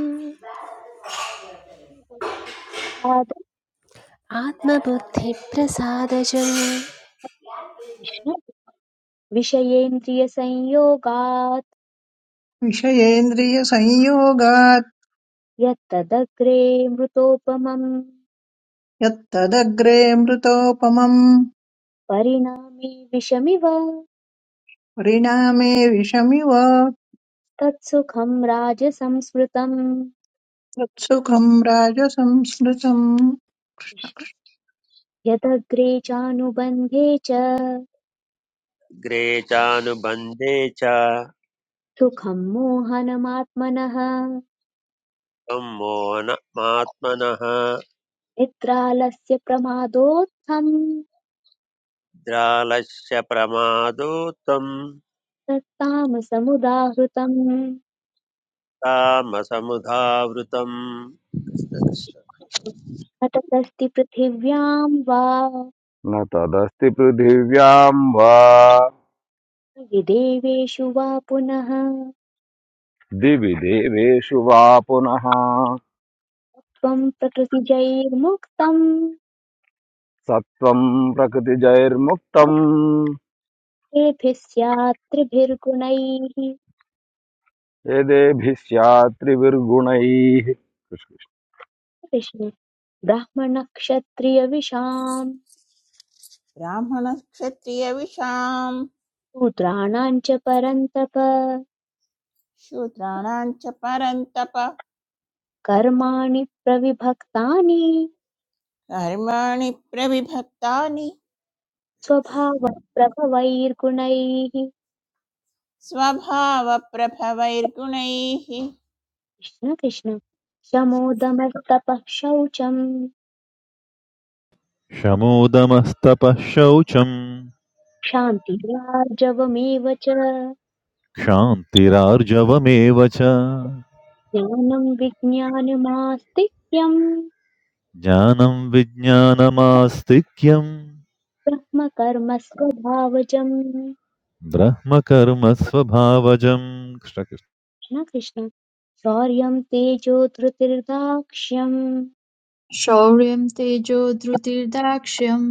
आत्मबुद्धिप्रसादजम् विषयेन्द्रियसंयोगात् विषयेन्द्रियसंयोगात् यत्तदग्रे मृतोपमम् यत्तदग्रे मृतोपमम् परिणामे विषमिव परिणामे विषमिव तत्सुखं राजसंस्मृतम् तत्सुखम् राजसंस्मृतम् यदग्रे चानुबन्धे च ग्रे च सुखं मोहनमात्मनः सम्मोहनमात्मनः निद्रालस्य प्रमादोत्थम् निद्रालस्य प्रमादो त्वं तत्तामसमुदाहृतम् तामसमुधावृतम् घटतस्ति पृथिव्याम् वा न तदस्ति पृथिव्यां वा यदि वा पुनः दिवि देवेषु वा पुनः त्वम् प्रकृतिजैर्मुक्तम् सत्त्वं प्रकृतिजैर्मुक्तम् तेभिः स्यात् त्रिभिर्गुणैः यदेभिः स्यात् त्रिभिर्गुणैः कृष्ण कृष्ण ब्राह्मणक्षत्रियविषाम् ब्राह्मणक्षत्रियविषां शूद्राणाम् च परन्तप शूद्राणां च परन्तप कर्माणि प्रविभक्तानि कर्माणि प्रविभक्तानि स्वभावप्रभवैर्गुणैः स्वभावप्रभवैर्गुणैः कृष्ण कृष्ण शमोदमस्तपः शौचम् शमोदमस्तपः शौचम् क्षान्तिरार्जवमेव च क्षान्तिरार्जवमेव च ज्ञानं विज्ञानमास्तिक्यं ज्ञानं विज्ञानमास्तिक्यं ब्रह्मकर्म स्वभावजम् ब्रह्मकर्मस्वभावजं कृष्णकृष्ण न कृष्ण शौर्यं तेजो धृतिर्दाक्ष्यं शौर्यं तेजो धृतिर्दाक्ष्यं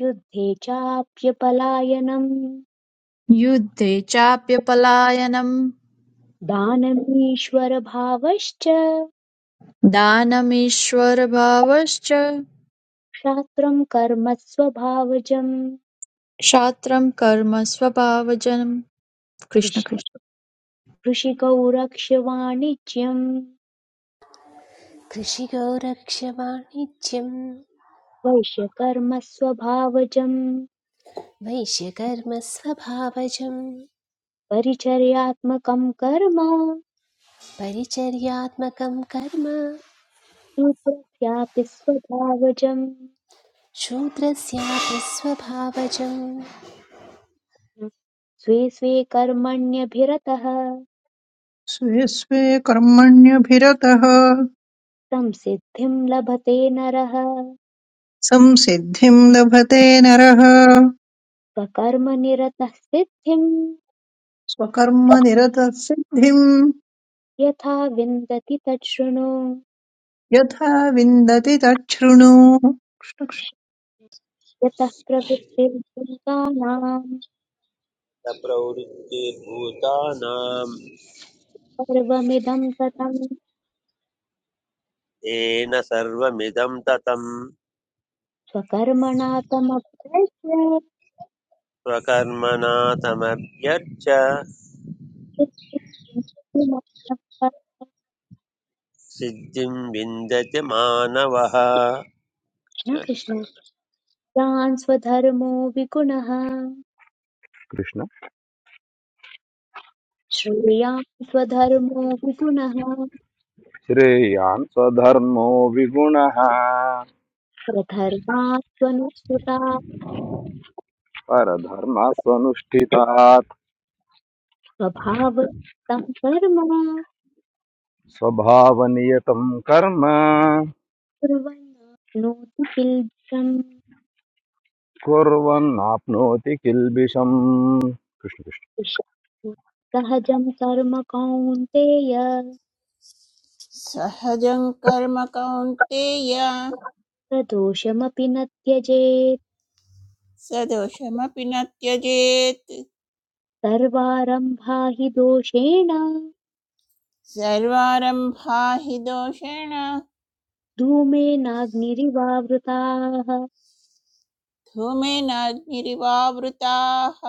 युद्धे चाप्यपलायनं युद्धे चाप्यपलायनं दानमीश्वरभावश्च दानमीश्वरभावश्च क्षात्रं कर्म स्वभावजम् क्षात्रं कर्म स्वभावजनं कृष्ण कृष्ण कृष्ण कृषिकौ रक्ष्यवाणिज्यं कृषिको रक्षवाणिज्यं वैश्यकर्म स्वभावजम् वैश्यकर्मस्वभावजं परिचर्यात्मकं कर्म परिचर्यात्मकं कर्म सूत्रस्यापि स्वभावजम् शूद्रस्यापि स्वभावजं स्वे स्वे कर्मण्यभिरतः स्वे स्वे कर्मण्यभिरतः संसिद्धिं लभते नरः संसिद्धिम् लभते नरः स्वकर्मनिरतः सिद्धिं स्वकर्मनिरतः सिद्धिम् यथा विन्दति तत् शृणु यथा विन्दति तच्छृणु यतः प्रवृत्तिर्भूतानां प्रवृत्तिर्भूतानां सर्वमिदं ततं येन सर्वमिदं ततं स्वकर्मणा तमभ्यस्य स्वकर्मणा तमभ्यर्च सिद्धिं प्राप्नोति। सिद्धिं विन्दति मानवः कृष्ण कृष्ण कृष्ण कृष्ण। यान् स्वधर्मो विगुणः कृष्ण। श्रेयान् स्वधर्मो विगुणः श्रेयान् स्वधर्मो विगुणः प्रधर्मात् स्वनुसृतात् परधर्मः स्वनुष्ठितात् स्वभावतं कर्म स्वभावनियतं कर्म कुर्वन्नोति किल्बिषम् कुर्वन्नाप्नोति किल्बिषम् कृष्ण कृष्ण सहजं कर्म कौन्तेय सहजं कर्म कौन्तेय प्रदोषमपि न त्यजेत् स दोषमपि न त्यजेत् सर्वारम्भा हि दोषेण सर्वारम्भा हि दोषेण धूमेनाग्निरिवावृताः धूमेनाग्निरिवावृताः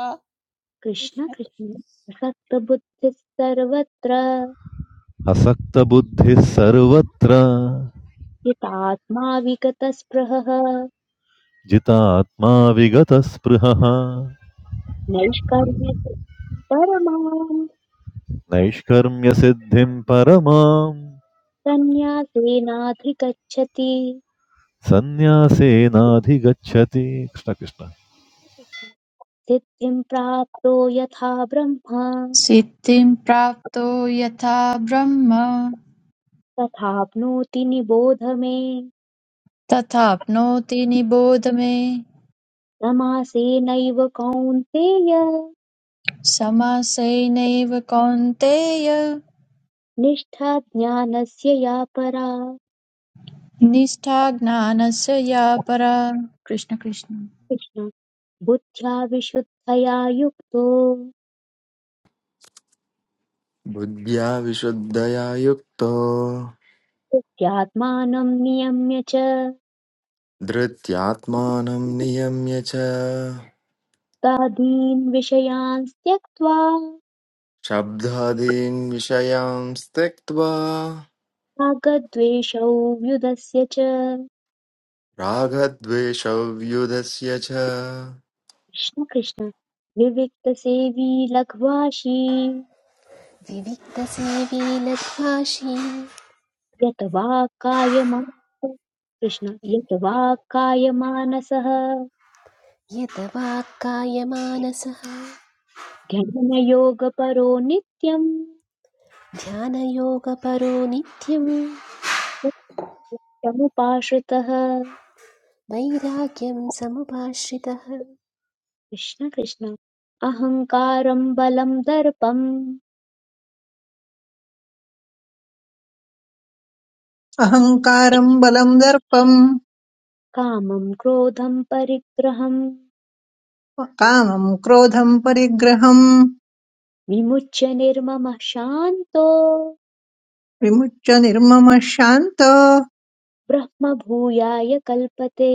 कृष्ण कृष्ण कृष्ण कृष्ण असक्तबुद्धिः सर्वत्र असक्तबुद्धिः सर्वत्र हितात्मा विगतस्पृहः जितात्मा विगतस्पृहः नैष्कर्म्य परमाम् नैष्कर्म्यसिद्धिं परमां सन्न्यासेनाधिगच्छति सन्न्यासेनाधिगच्छति कृष्णकृष्ण सिद्धिं प्राप्तो यथा ब्रह्मा सिद्धिं प्राप्तो यथा ब्रह्म तथाप्नोति निबोध मे तथाप्नोति निबोध मे समासेनैव कौन्तेय समासेनैव कौन्तेय निष्ठा ज्ञानस्य या परा निष्ठा ज्ञानस्य या परा कृष्ण कृष्ण कृष्ण बुद्ध्या विशुद्धया युक्तो बुद्ध्या विशुद्धया युक्तो नित्यात्मानं नियम्य च धृत्यात्मानं नियम्य च तादीन् विषयान् त्यक्त्वा शब्दादीन् विषयान् त्यक्त्वा रागद्वेषौ व्युदस्य च रागद्वेषव्युधस्य च कृष्ण कृष्ण विविक्तसेवी लघ्वाशी विविक्तसेवी लघ्वाशी यत वा कायमानसः कृष्ण यत वा कायमानसः यत वाक्कायमानसः ध्यानयोगपरो नित्यम् ध्यानयोगपरो नित्यं समुपाश्रितः वैराग्यं समुपाश्रितः कृष्ण कृष्ण अहङ्कारं बलं दर्पं अहङ्कारम् बलम् दर्पम् कामं क्रोधं परिग्रहं कामम् क्रोधम् परिग्रहम् विमुच्य निर्ममः शान्तो विमुच्य निर्ममः शान्त ब्रह्मभूयाय कल्पते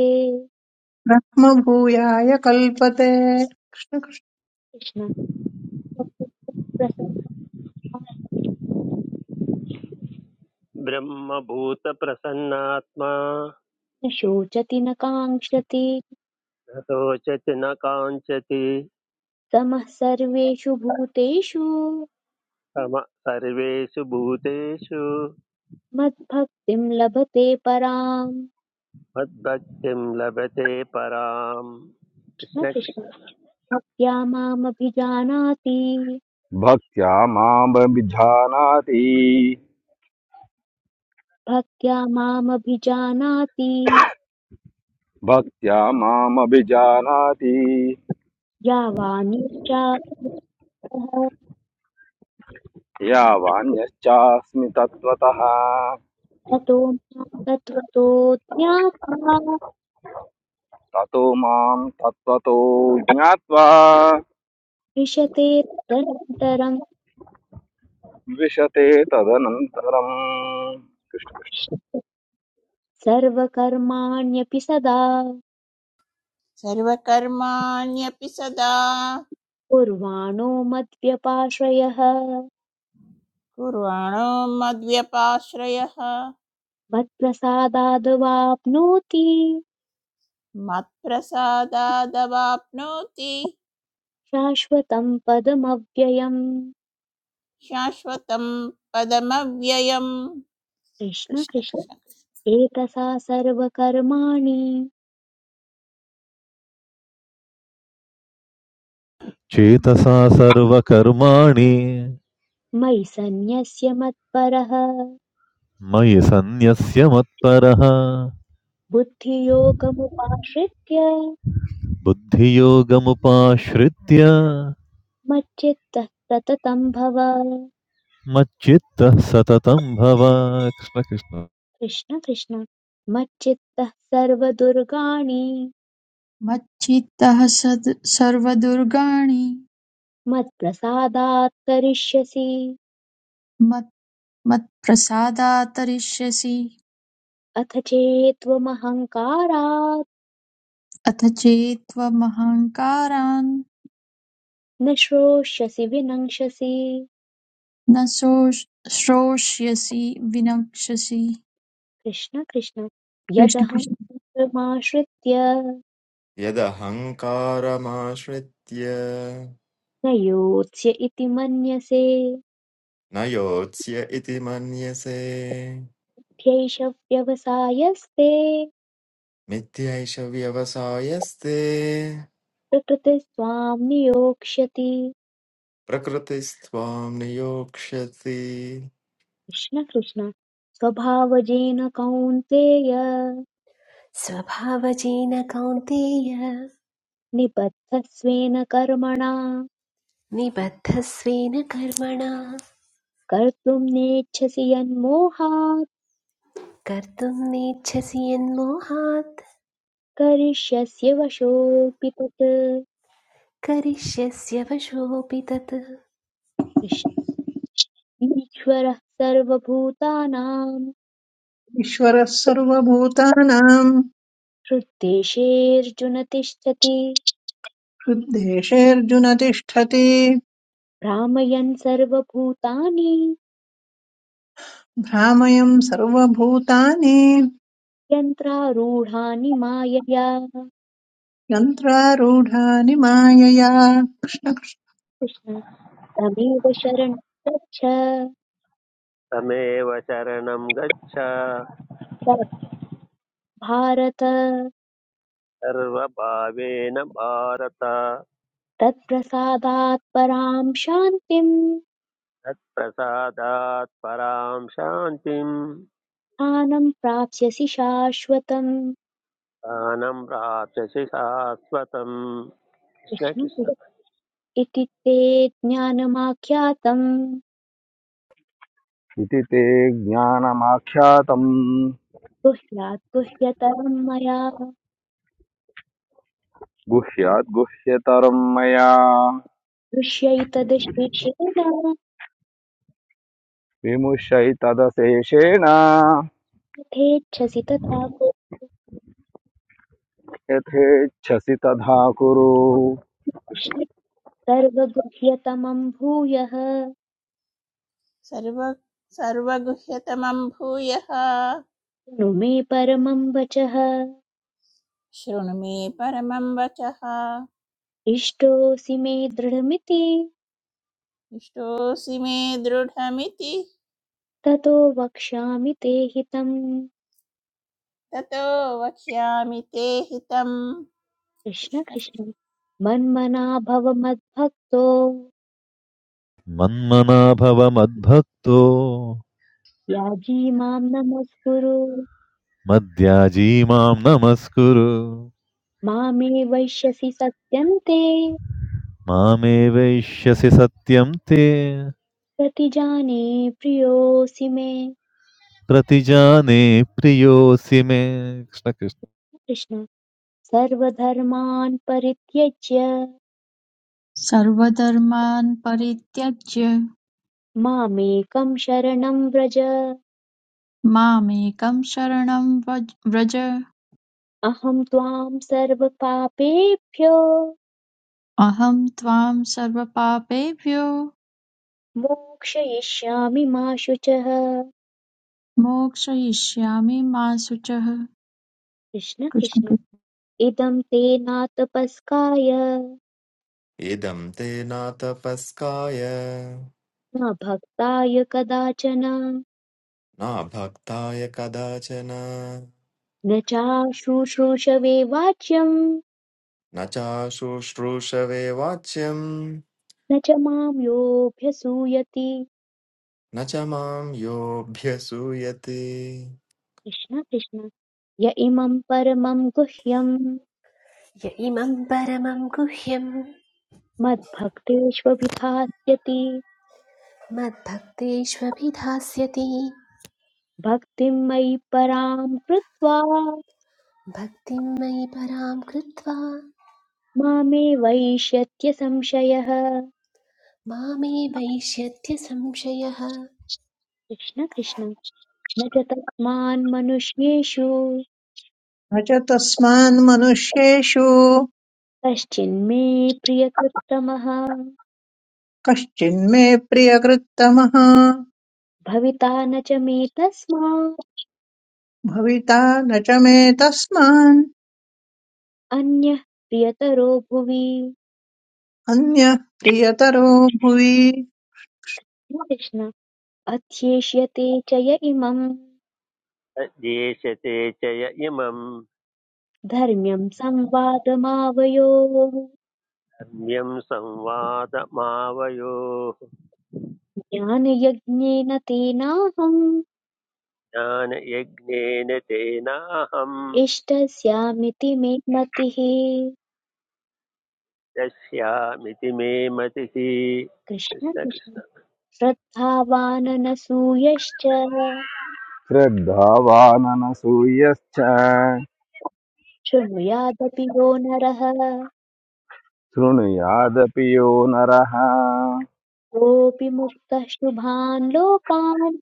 ब्रह्मभूयाय कल्पते कृष्ण कृष्ण। कृष्ण ब्रह्मभूतप्रसन्नात्मा न शोचति न काङ्क्षति न शोचति न काञ्चति समः सर्वेषु भूतेषु सम मद्भक्तिं लभते पराम् मद्भक्तिं लभते पराम् न कृष्ण कृष्णकृष्ण भक्त्या मामभिजानाति भक्त्या मामभिजानाति भक्त्या मामभिजानाति भक्त्या मामभिजानाति या वा नित्याः यावान्यश्चास्मि तत्त्वतः ततो मां तत्त्वतो ज्ञात्वा ततो मां तत्त्वतो ज्ञात्वा विशते तदनन्तरं विशते तदनन्तरम् सर्वकर्माण्यपि सदा सर्वकर्माण्यपि सदा कुर्वाणो मद्व्यपाश्रयः कुर्वाणो मद्व्यपाश्रयः मत्प्रसादाद्वाप्नोति मत्प्रसादादवाप्नोति शाश्वतं पदमव्ययम् शाश्वतं पदमव्ययम् कृष्ण कृष्ण कृष्ण कृष्ण कृष्ण। एतसा सर्वकर्माणि चेतसा सर्वकर्माणि मयि सन्न्यस्य मत्परः मयि सन्न्यस्य मत्परः बुद्धियोगमुपाश्रित्य बुद्धियोगमुपाश्रित्य मच्चित्तः सततं भव मच्चित्तः सततं भव कृष्ण कृष्ण कृष्ण कृष्ण मच्चित्तः सर्वदुर्गाणि मच्चित्तः सर्वदुर्गाणि मत्प्रसादात् करिष्यसि मत्प्रसादात्तरिष्यसि अथ चेत्त्वमहङ्कारात् अथ चेत्त्वमहङ्कारान् न श्रोष्यसि विनङ्क्षसि न सोष- श्रोष्यसि विनक्ष्यसि कृष्ण कृष्ण कृष्ण यदहं कृष्ण शास्त्रमाश्रित्य यदहङ्कारमाश्रित्य न योत्स्य इति मन्यसे न योत्स्य इति मन्यसे ह्यैष व्यवसायस्ते मिथ्यैष व्यवसायस्ते प्रकृतिस्त्वां नियोक्ष्यति प्रकृतिस्त्वां नियोक्ष्यसि कृष्ण कृष्ण स्वभावजेन कौन्तेय स्वभावजेन कौन्तेय निबद्धस्वेन कर्मणा निबद्धस्वेन कर्मणा कर्तुं नेच्छसि यन्मोहात् कर्तुं नेच्छसि यन्मोहात् करिष्यस्य वशोऽपि तत् करिष्यस्य वशोऽपि तत् कृष्ण ईश्वरः सर्वभूतानां ईश्वरः सर्वभूतानाम् हृद्देशेऽर्जुन तिष्ठति हृद्देशेऽर्जुन तिष्ठति भ्रामयन् सर्वभूतानि भ्रामयम् सर्वभूतानि यन्त्रारूढानि मायया यन्त्रारूढानि मायया न कृष्ण तमेव शरणं गच्छ तमेव शरणं गच्छ तत् भारत सर्वभावेन भारत तत्प्रसादात् परां शान्तिं तत्प्रसादात् परां शान्तिं स्थानं प्राप्स्यसि शाश्वतम् स्थानं प्राप्स्यसि शाश्वतम् कृष्ण कृष्णकृष्ण इति ते ज्ञानमाख्यातम् इति ते ज्ञानमाख्यातम् गुह्यात् गुह्यतरं मया गुह्याद्गुह्यतरम् मया दृश्यैतदशेषेण विमुष्यैतदशेषेण यथेच्छसि तथा कुरु। यथेच्छसि तथा कुरु सर्वगुह्यतमं भूयः शृणु सर्व सर्वगुह्यतमं भूयः मे परमं वचः शृणु मे परमं वचः इष्टोऽसि मे दृढमिति इष्टोऽसि मे दृढमिति ततो वक्ष्यामि ते हितम् ततो वक्ष्यामि ते हितम् कृष्ण कृष्ण कृष्ण कृष्ण मन्मना भव मद्भक्तो मन्मना भव मद्भक्तो याजी मां नमस्कुरु मद्याजी मां नमस्कुरु मामे वैश्यसि सत्यन्ते मामेवैष्यसि सत्यं ते प्रतिजाने प्रियोऽसि मे प्रतिजाने प्रियोऽसि मे कृष्ण कृष्ण कृष्ण सर्वधर्मान् परित्यज्य सर्वधर्मान् परित्यज्य मामेकं शरणं व्रज मामेकं शरणं व्रज व्रज। अहं त्वां सर्वपापेभ्यो अहं त्वां सर्वपापेभ्यो मोक्षयिष्यामि मा शुचः मोक्षयिष्यामि मा शुचः कृष्ण कृष्ण कृष्ण कृष्ण। इदं ते नातपस्काय इदं ते नातपस्काय न भक्ताय कदाचन नाभक्ताय कदाचन न चाशुश्रूषवे वाच्यं न चाशुश्रूषवे वाच्यम् न च मां योऽभ्यसूयति न च माम् योऽभ्यसूयते कृष्ण कृष्ण य इमं परमं गुह्यं य इमं परमं गुह्यं मद्भक्तेष्वभिधास्यति मद्भक्तेष्वभिधास्यति भक्तिं मयि परां कृत्वा भक्तिं मयि परां कृत्वा मामेवैष्यत्य संशयः मामे वैष्यत्य संशयः कृष्ण कृष्ण न च तस्मान् मनुष्येषु च तस्मान्मनुष्येषु कश्चिन्मे प्रियकृत्तमः कश्चिन्मे प्रियकृत्तमः भविता न च मे तस्मात् भविता न च मे तस्मान् अन्यः प्रियतरो भुवि अन्यः प्रियतरो भुवि कृष्ण अध्येष्यते च य इमम् देशते च य इमं धर्म्यम् संवादमावयोः धर्म्यं संवादमावयोः ज्ञानयज्ञेन तेनाहम् ज्ञानयज्ञेन तेनाहम् इष्टस्यामिति मे मतिः यस्यामिति मे मतिः कृष्ण कृष्ण कृष्ण कृष्ण श्रद्धावाननसूयश्च श्रद्धावाननसूयश्च शृणुयादपि यो नरः शृणुयादपि यो नरः कोऽपि मुक्तः शुभान् लोकान्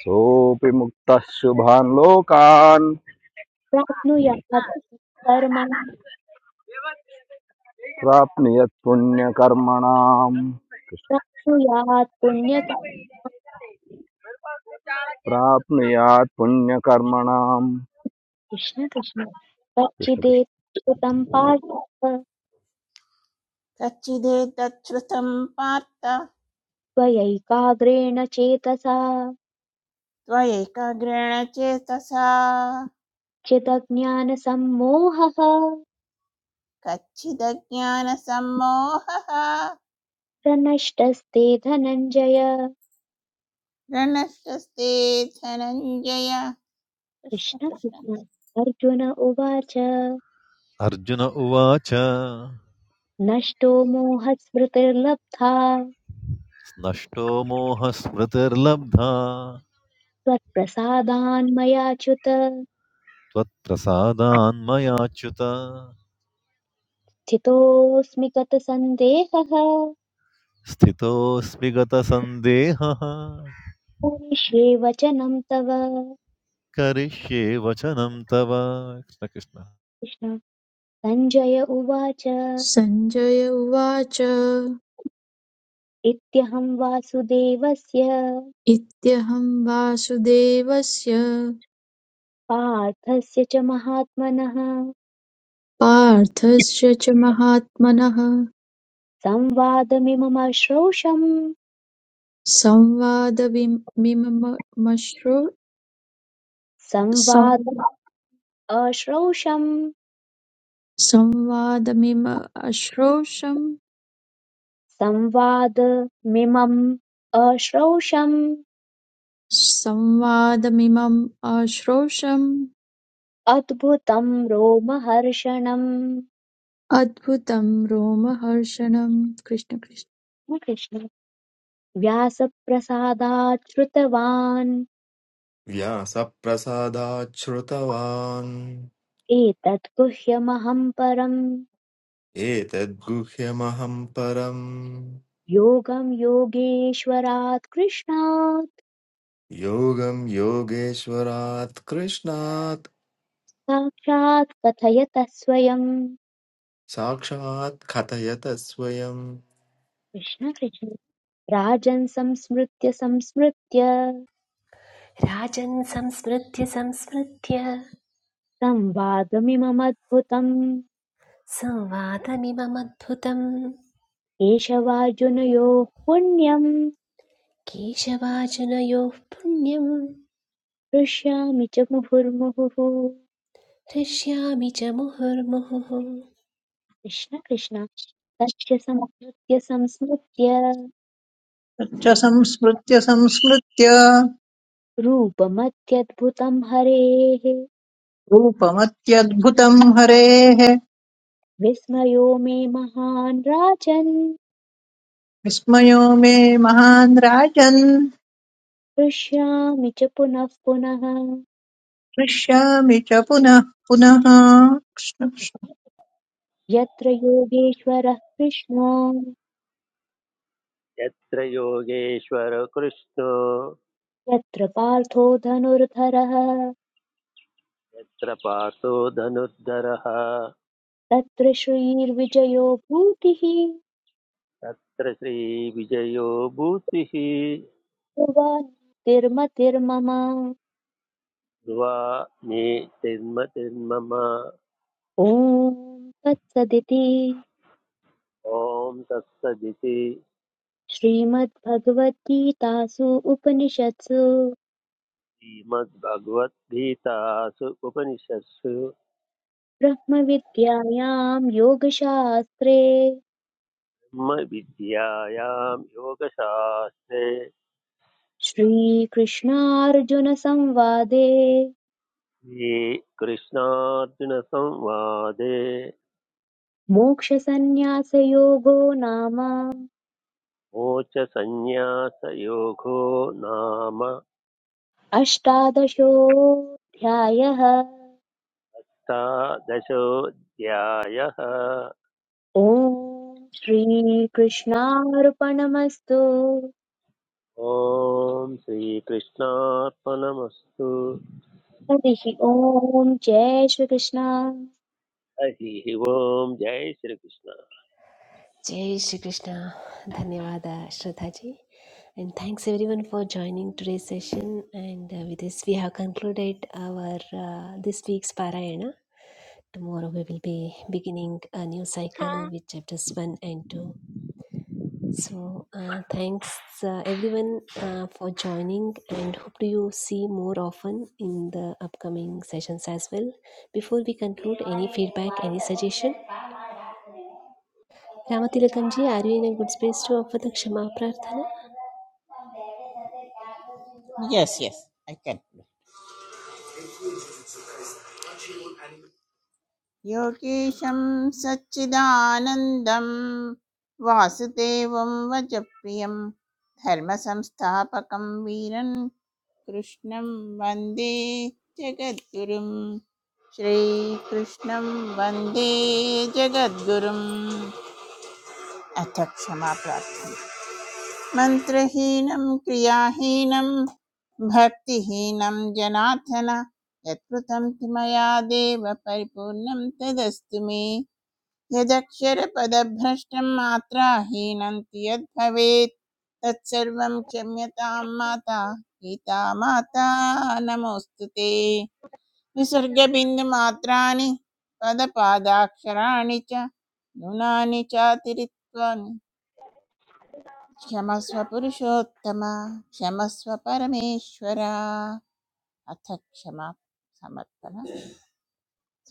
सोऽपि मुक्तः शुभान् लोकान् प्राप्नुयात् कर्मणि प्राप्नुयात् पुण्यकर्मणाम् प्राप्नुयात् पुण्यक कृष्ण- प्राप्नुयात् पुण्यकर्मणाम् कृष्ण कृष्ण कृष्ण कृष्ण कच्चिदेतच्छ्रुतम् पार्थ कच्चिदेतच्छ्रुतं पार्थ त्वयैकाग्रेण चेतसा त्वयैकाग्रेण चेतसा चिदज्ञानसम्मोहः कच्चिदज्ञानसम्मोहः प्रनष्टस्ते धनञ्जय रणष्टस्ते धनञ्जय कृष्ण कृष्ण कृष्ण कृष्ण अर्जुन उवाच अर्जुन उवाच नष्टो मोहस्मृतिर्लब्धा नष्टो मोहस्मृतिर्लब्धा त्वत्प्रसादान्मयाच्युत त्वत्प्रसादान्मयाच्युत स्थितोऽस्मि गतसन्देहः स्थितोऽस्मि गतसन्देहः पूरिष्ये वचनं तव करिष्ये वचनं तव कृष्ण कृष्ण कृष्ण सञ्जय उवाच सञ्जय उवाच इत्यहं वासुदेवस्य इत्यहं वासुदेवस्य पार्थस्य च महात्मनः पार्थस्य च महात्मनः संवादमिममश्रौषम् संवादमिममश्रु संवाद सं- अश्रौषम् संवादमिममश्रोषं संवादमिमम् अश्रौषम् संवादमिमम् अश्रोषम् अद्भुतं रोमहर्षणं अद्भुतं रोमहर्षणं कृष्ण कृष्ण व्यासप्रसादात् श्रुतवान् व्यासप्रसादाच्छ्रुतवान् एतत् गुह्यमहं परं एतद्गुह्यमहम् परम् योगं योगेश्वरात् कृष्णात् योगम् योगेश्वरात् कृष्णात् साक्षात् कथयतः स्वयं साक्षात् कथयत स्वयम् कृष्ण कृष्ण राजन् संस्मृत्य संस्मृत्य राजन् संस्मृत्य संस्मृत्य संवादमिममद्भुतम् संवादमिममद्भुतम् केशवार्जुनयोः पुण्यम् केशवाचनयोः पुण्यं हृष्यामि च मुहुर्मुहुः हृष्यामि च मुहुर्मुहुः कृष्ण कृष्ण तच्च संहृत्य संस्मृत्य तच्च संस्मृत्य संस्मृत्य रूपमत्यद्भुतं हरेः रूपमत्यद्भुतम् हरेः विस्मयो मे महान् राजन् विस्मयो मे महान् राजन् हृष्यामि च पुनः पुनः हृष्यामि च पुनः पुनः कृष्ण- यत्र योगेश्वरः कृष्णो यत्र योगेश्वर कृष्णो यत्र पार्थो धनुर्धरः यत्र पार्थो धनुर्धरः तत्र श्रीर्विजयो भूतिः युवा तत्र श्रीविजयो भूतिः तिर्मतिर्मम द्वा मे तिन्म तिन्मम ॐ तत्सदिति ॐ तत्सदिति श्रीमद्भगवद्गीतासु उपनिषत्सु श्रीमद्भगवद्गीतासु उपनिषत्सु ब्रह्मविद्यायां योगशास्त्रे ब्रह्मविद्यायां योगशास्त्रे श्रीकृष्णार्जुनसंवादे श्रीकृष्णार्जुनसंवादे मोक्षसंन्यासयोगो नाम मोक्षसंन्यासयोगो नाम अष्टादशोऽध्यायः द्वादशोऽध्यायः ॐ श्रीकृष्णार्पणमस्तु ॐ श्रीकृष्णार्पणमस्तु हरिः ॐ जय श्रीकृष्ण हरिः ओम् जय Shrikrishna Jai Shri Krishna. Dhanyavada, Shraddhaji. And thanks everyone for joining today's session. And uh, with this, we have concluded our uh, this week's Parayana. Tomorrow we will be beginning a new cycle with chapters 1 and 2. So, uh, thanks uh, everyone uh, for joining and hope to you see more often in the upcoming sessions as well. Before we conclude, any feedback, any suggestion? Ramatilakamji, are you in a good space to offer the Kshama Prarthana? Yes yes I can योगेशं सच्चिदानन्दं वासुदेवं वचप्रियं धर्मसंस्थापकं वीरन् कृष्णं वन्दे जगद्गुरुं श्रीकृष्णं वन्दे जगद्गुरुम् अथ क्षमा प्रार्थना मन्त्रहीनं क्रियाहीनं भक्तिहीनं जनार्दन यत्कृतं तु मया देव परिपूर्णं तदस्तु मे यदक्षरपदभ्रष्टं मात्राहीनन्ति यद्भवेत् तत्सर्वं क्षम्यतां माता गीता माता नमोऽस्तु ते विसर्गबिन्दुमात्राणि पदपादाक्षराणि च न्यूनानि चातिरित्वानि क्षमस्व पुरुषोत्तम क्षमस्व परमेश्वर अथ क्षमा समर्पण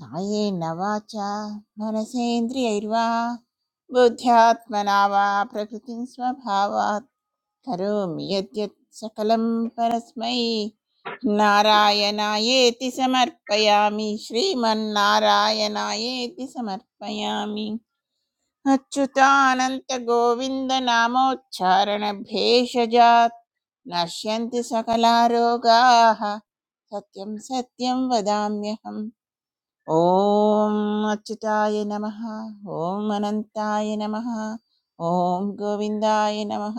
कायेन वाचा मनसेन्द्रियैर्वा बुद्ध्यात्मना वा प्रकृतिं स्वभावात् करोमि यद्यत् सकलं परस्मै नारायणायेति समर्पयामि श्रीमन्नारायणायेति समर्पयामि अच्युतानन्तगोविन्दनामोच्चारणभेषजात् नश्यन्ति सकला रोगाः सत्यं सत्यं वदाम्यहम् ॐ मच्छताय नमः ॐ मनंताय नमः ॐ गोविंदाय नमः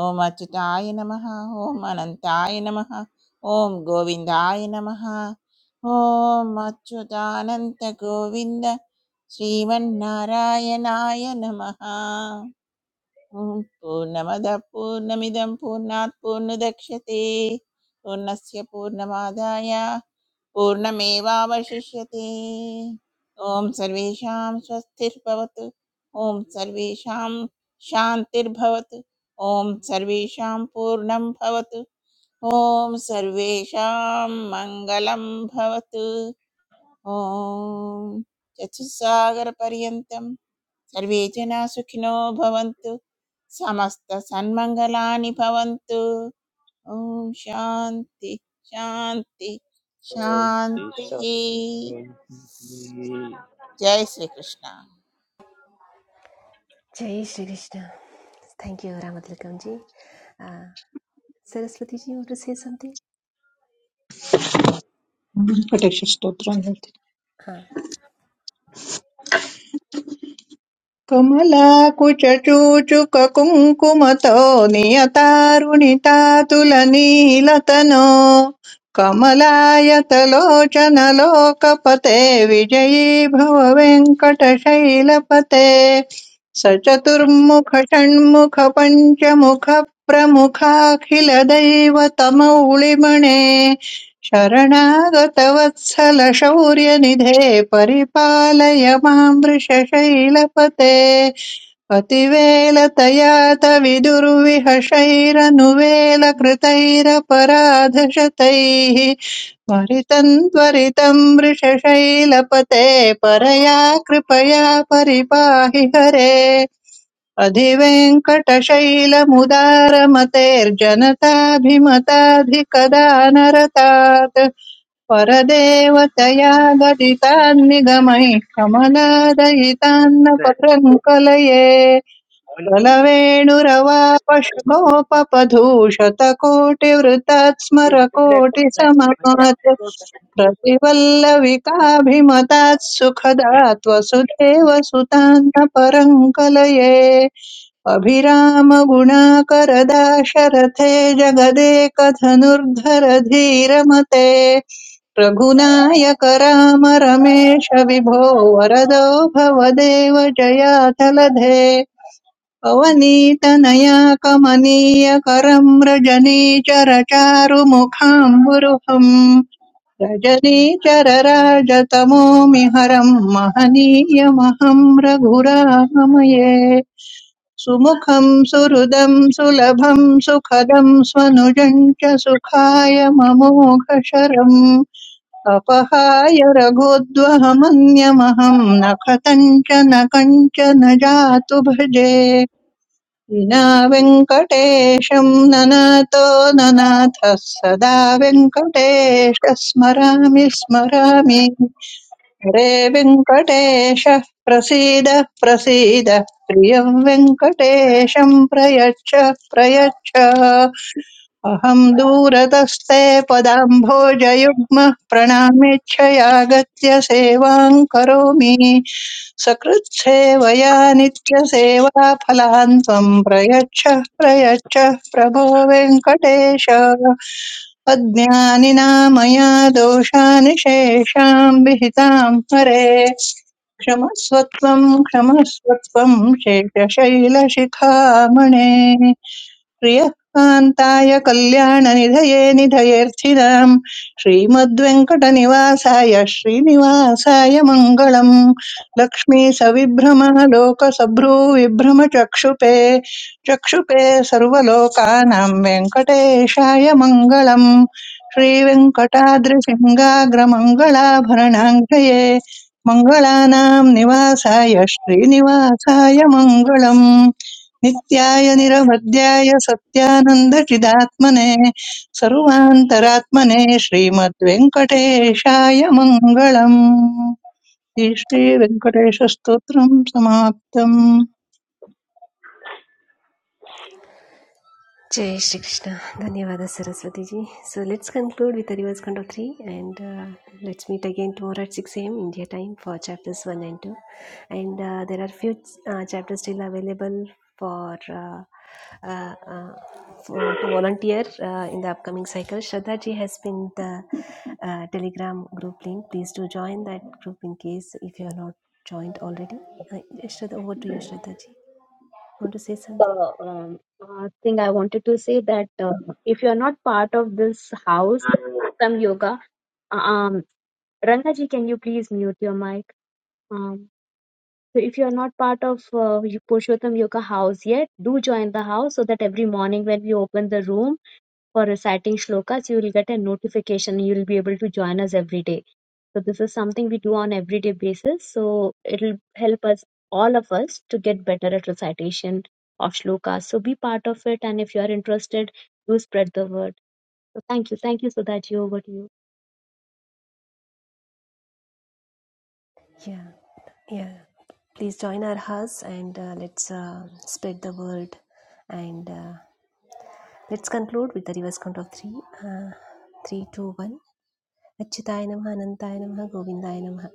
ॐ मच्छताय नमः ॐ मनंताय नमः ॐ गोविंदाय नमः ॐ मच्छतानं ते गोविंदा श्रीमन् नारायणाय नमः पूर्णमदा पूर्णमिदं पूर्णात पूर्णदक्षिते तु नस्य पूर्णमाध्ययः पूर्णमेवावशिष्यते ॐ सर्वेषां स्वस्तिर्भवतु ॐ सर्वेषां शान्तिर्भवतु ॐ सर्वेषां पूर्णं भवतु ॐ सर्वेषां मङ्गलं भवतु ॐ चतुस्सागरपर्यन्तं सर्वे जनाः सुखिनो भवन्तु समस्तसन्मङ्गलानि भवन्तु ओम शांति शांति ॐ श्री शांति शान्तिः। जय श्री कृष्णा जय Shri Krishna thank you Ramtilakam ji Saraswati ji you want to say something Krishna. कटेशस्तोत्रम् हाँ, कुमलाकुचूचुककुङ्कुमतो नियतारुणितातुलनीलतनो कमलायतलोचनलोकपते विजयी भव वेङ्कटशैलपते सचतुर्मुखषण्मुखपञ्चमुखप्रमुखाखिलदैवतमौलिमणे शरणागतवत्सलशौर्यनिधे परिपालय मां वृषशैलपते अतिवेलतया तविदुर्विहशैरनुवेलकृतैरपराधशतैः त्वरितम् त्वरितम् वृषशैलपते परया कृपया परिपाहि हरे अधिवेङ्कटशैलमुदारमतेर्जनताभिमताधिकदानरतात् परदेवतया गदितान्निगमैः कमलादयितान्न पतङ्कलये प्रलवेणुरवापशुभोपपधूशतकोटिवृतात् स्मरकोटिसमात् प्रतिवल्लविकाभिमतात् सुखदात् वसुदेव सुतान्न परङ्कलये अभिरामगुणाकरदाशरथे जगदेकधनुर्धर धीरमते रघुनायक राम रमेश विभो वरदो भवदेव जयाचलधे अवनीतनया कमनीय करं रजनीचर चारुमुखाम्बुरुहम् रजनीचर राजतमो मिहरम् महनीयमहम् रघुरामये सुमुखं सुहृदं सुलभं सुखदं स्वनुजं च सुखाय ममोघशरम् अपहाय रघोद्वहमन्यमहं न कथञ्च न कञ्चन जातु भजे विना वेङ्कटेशं ननातो ननाथः सदा वेङ्कटेश स्मरामि स्मरामि हरे वेङ्कटेश प्रसीद प्रसीद प्रियं वेङ्कटेशं प्रयच्छ प्रयच्छ अहं दूरतस्ते पदाम्भोजयुग्म प्रणामेच्छयागत्य सेवां करोमि सकृत्सेवया नित्यसेवाफलान् त्वं प्रयच्छ प्रयच्छ प्रभो वेङ्कटेश अज्ञानिना मया दोषान् शेषाम् विहिताम् हरे क्षमस्वत्वम् क्षमस्वत्वम् शेषशैलशिखामणे प्रियः कान्ताय कल्याणनिधये निधयेऽर्थिनाम् श्रीमद्वेङ्कटनिवासाय श्रीनिवासाय मङ्गलम् लक्ष्मीसविभ्रमः लोकसभ्रूविभ्रमचक्षुपे चक्षुपे सर्वलोकानाम् वेङ्कटेशाय मङ्गलम् श्रीवेङ्कटाद्रिसिंहाग्रमङ्गलाभरणाङ्गये मङ्गलानाम् निवासाय श्रीनिवासाय मङ्गलम् नित्याय निरवध्याय सत्यानन्दचिदात्मने सर्वान्तरात्मने श्रीमद्वेङ्कटेशाय मङ्गलम् श्रीवेङ्कटेशस्तोत्रम् समाप्तम् Jai Shri Krishna. Dhanyavada Saraswati ji. So let's conclude with the reverse count of 3 and uh, let's meet again tomorrow at 6 a.m. India time for chapters 1 and 2. And uh, there are few uh, chapters still available for, uh, uh, uh, for to volunteer uh, in the upcoming cycle. Shraddha ji has been the uh, telegram group link. Please do join that group in case if you are not joined already. Uh, Shraddha, over to you Shraddha ji. Want to say something? Uh, um, uh, thing I wanted to say that uh, if you are not part of this house, some yoga. um, Rangaji, can you please mute your mic? Um, so if you are not part of uh, Y- Purushottam Yoga house yet, do join the house so that every morning when we open the room for reciting shlokas, you will get a notification. You will be able to join us every day. So this is something we do on everyday basis. So it'll help us, all of us, to get better at recitation of shlokas. So be part of it, and if you are interested, do spread the word. So thank you, thank you, Sudhaji. Over to you. Yeah, yeah. Please join our hugs and uh, let's uh, spread the world. And uh, let's conclude with the reverse count of three. Uh, Three, two, one. Achyutaayenamha, Nandaayenamha, Govindaayenamha.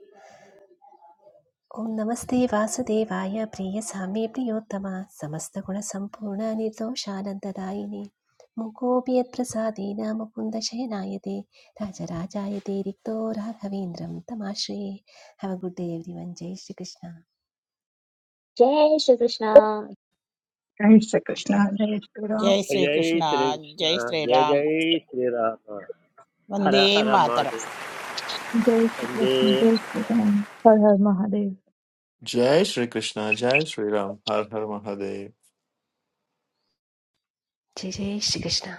Om Namostheevasu Devaya, Preyasamibhyo Tamah. Samastakura Sampurnanidhau Sharanidayini. Mukhopiyatprasadi Namopundashenaayade. Raja Rajaayade Rikto Raghavendra M Tamashre. Have a good day, everyone. Jai Shri Krishna. Jai Shri Krishna. जय श्री कृष्ण जय श्री राम जय श्री जय कृष्णा श्रीकृष्ण जय श्री जय राम जय श्रीराम हर वंदे हर मातरम महादेव जय श्री कृष्ण वन्दे जय श्री राम हर हर महादेव जय श्रीकृष्ण जय श्रीराम हर हर महादेव जय जय श्रीकृष्ण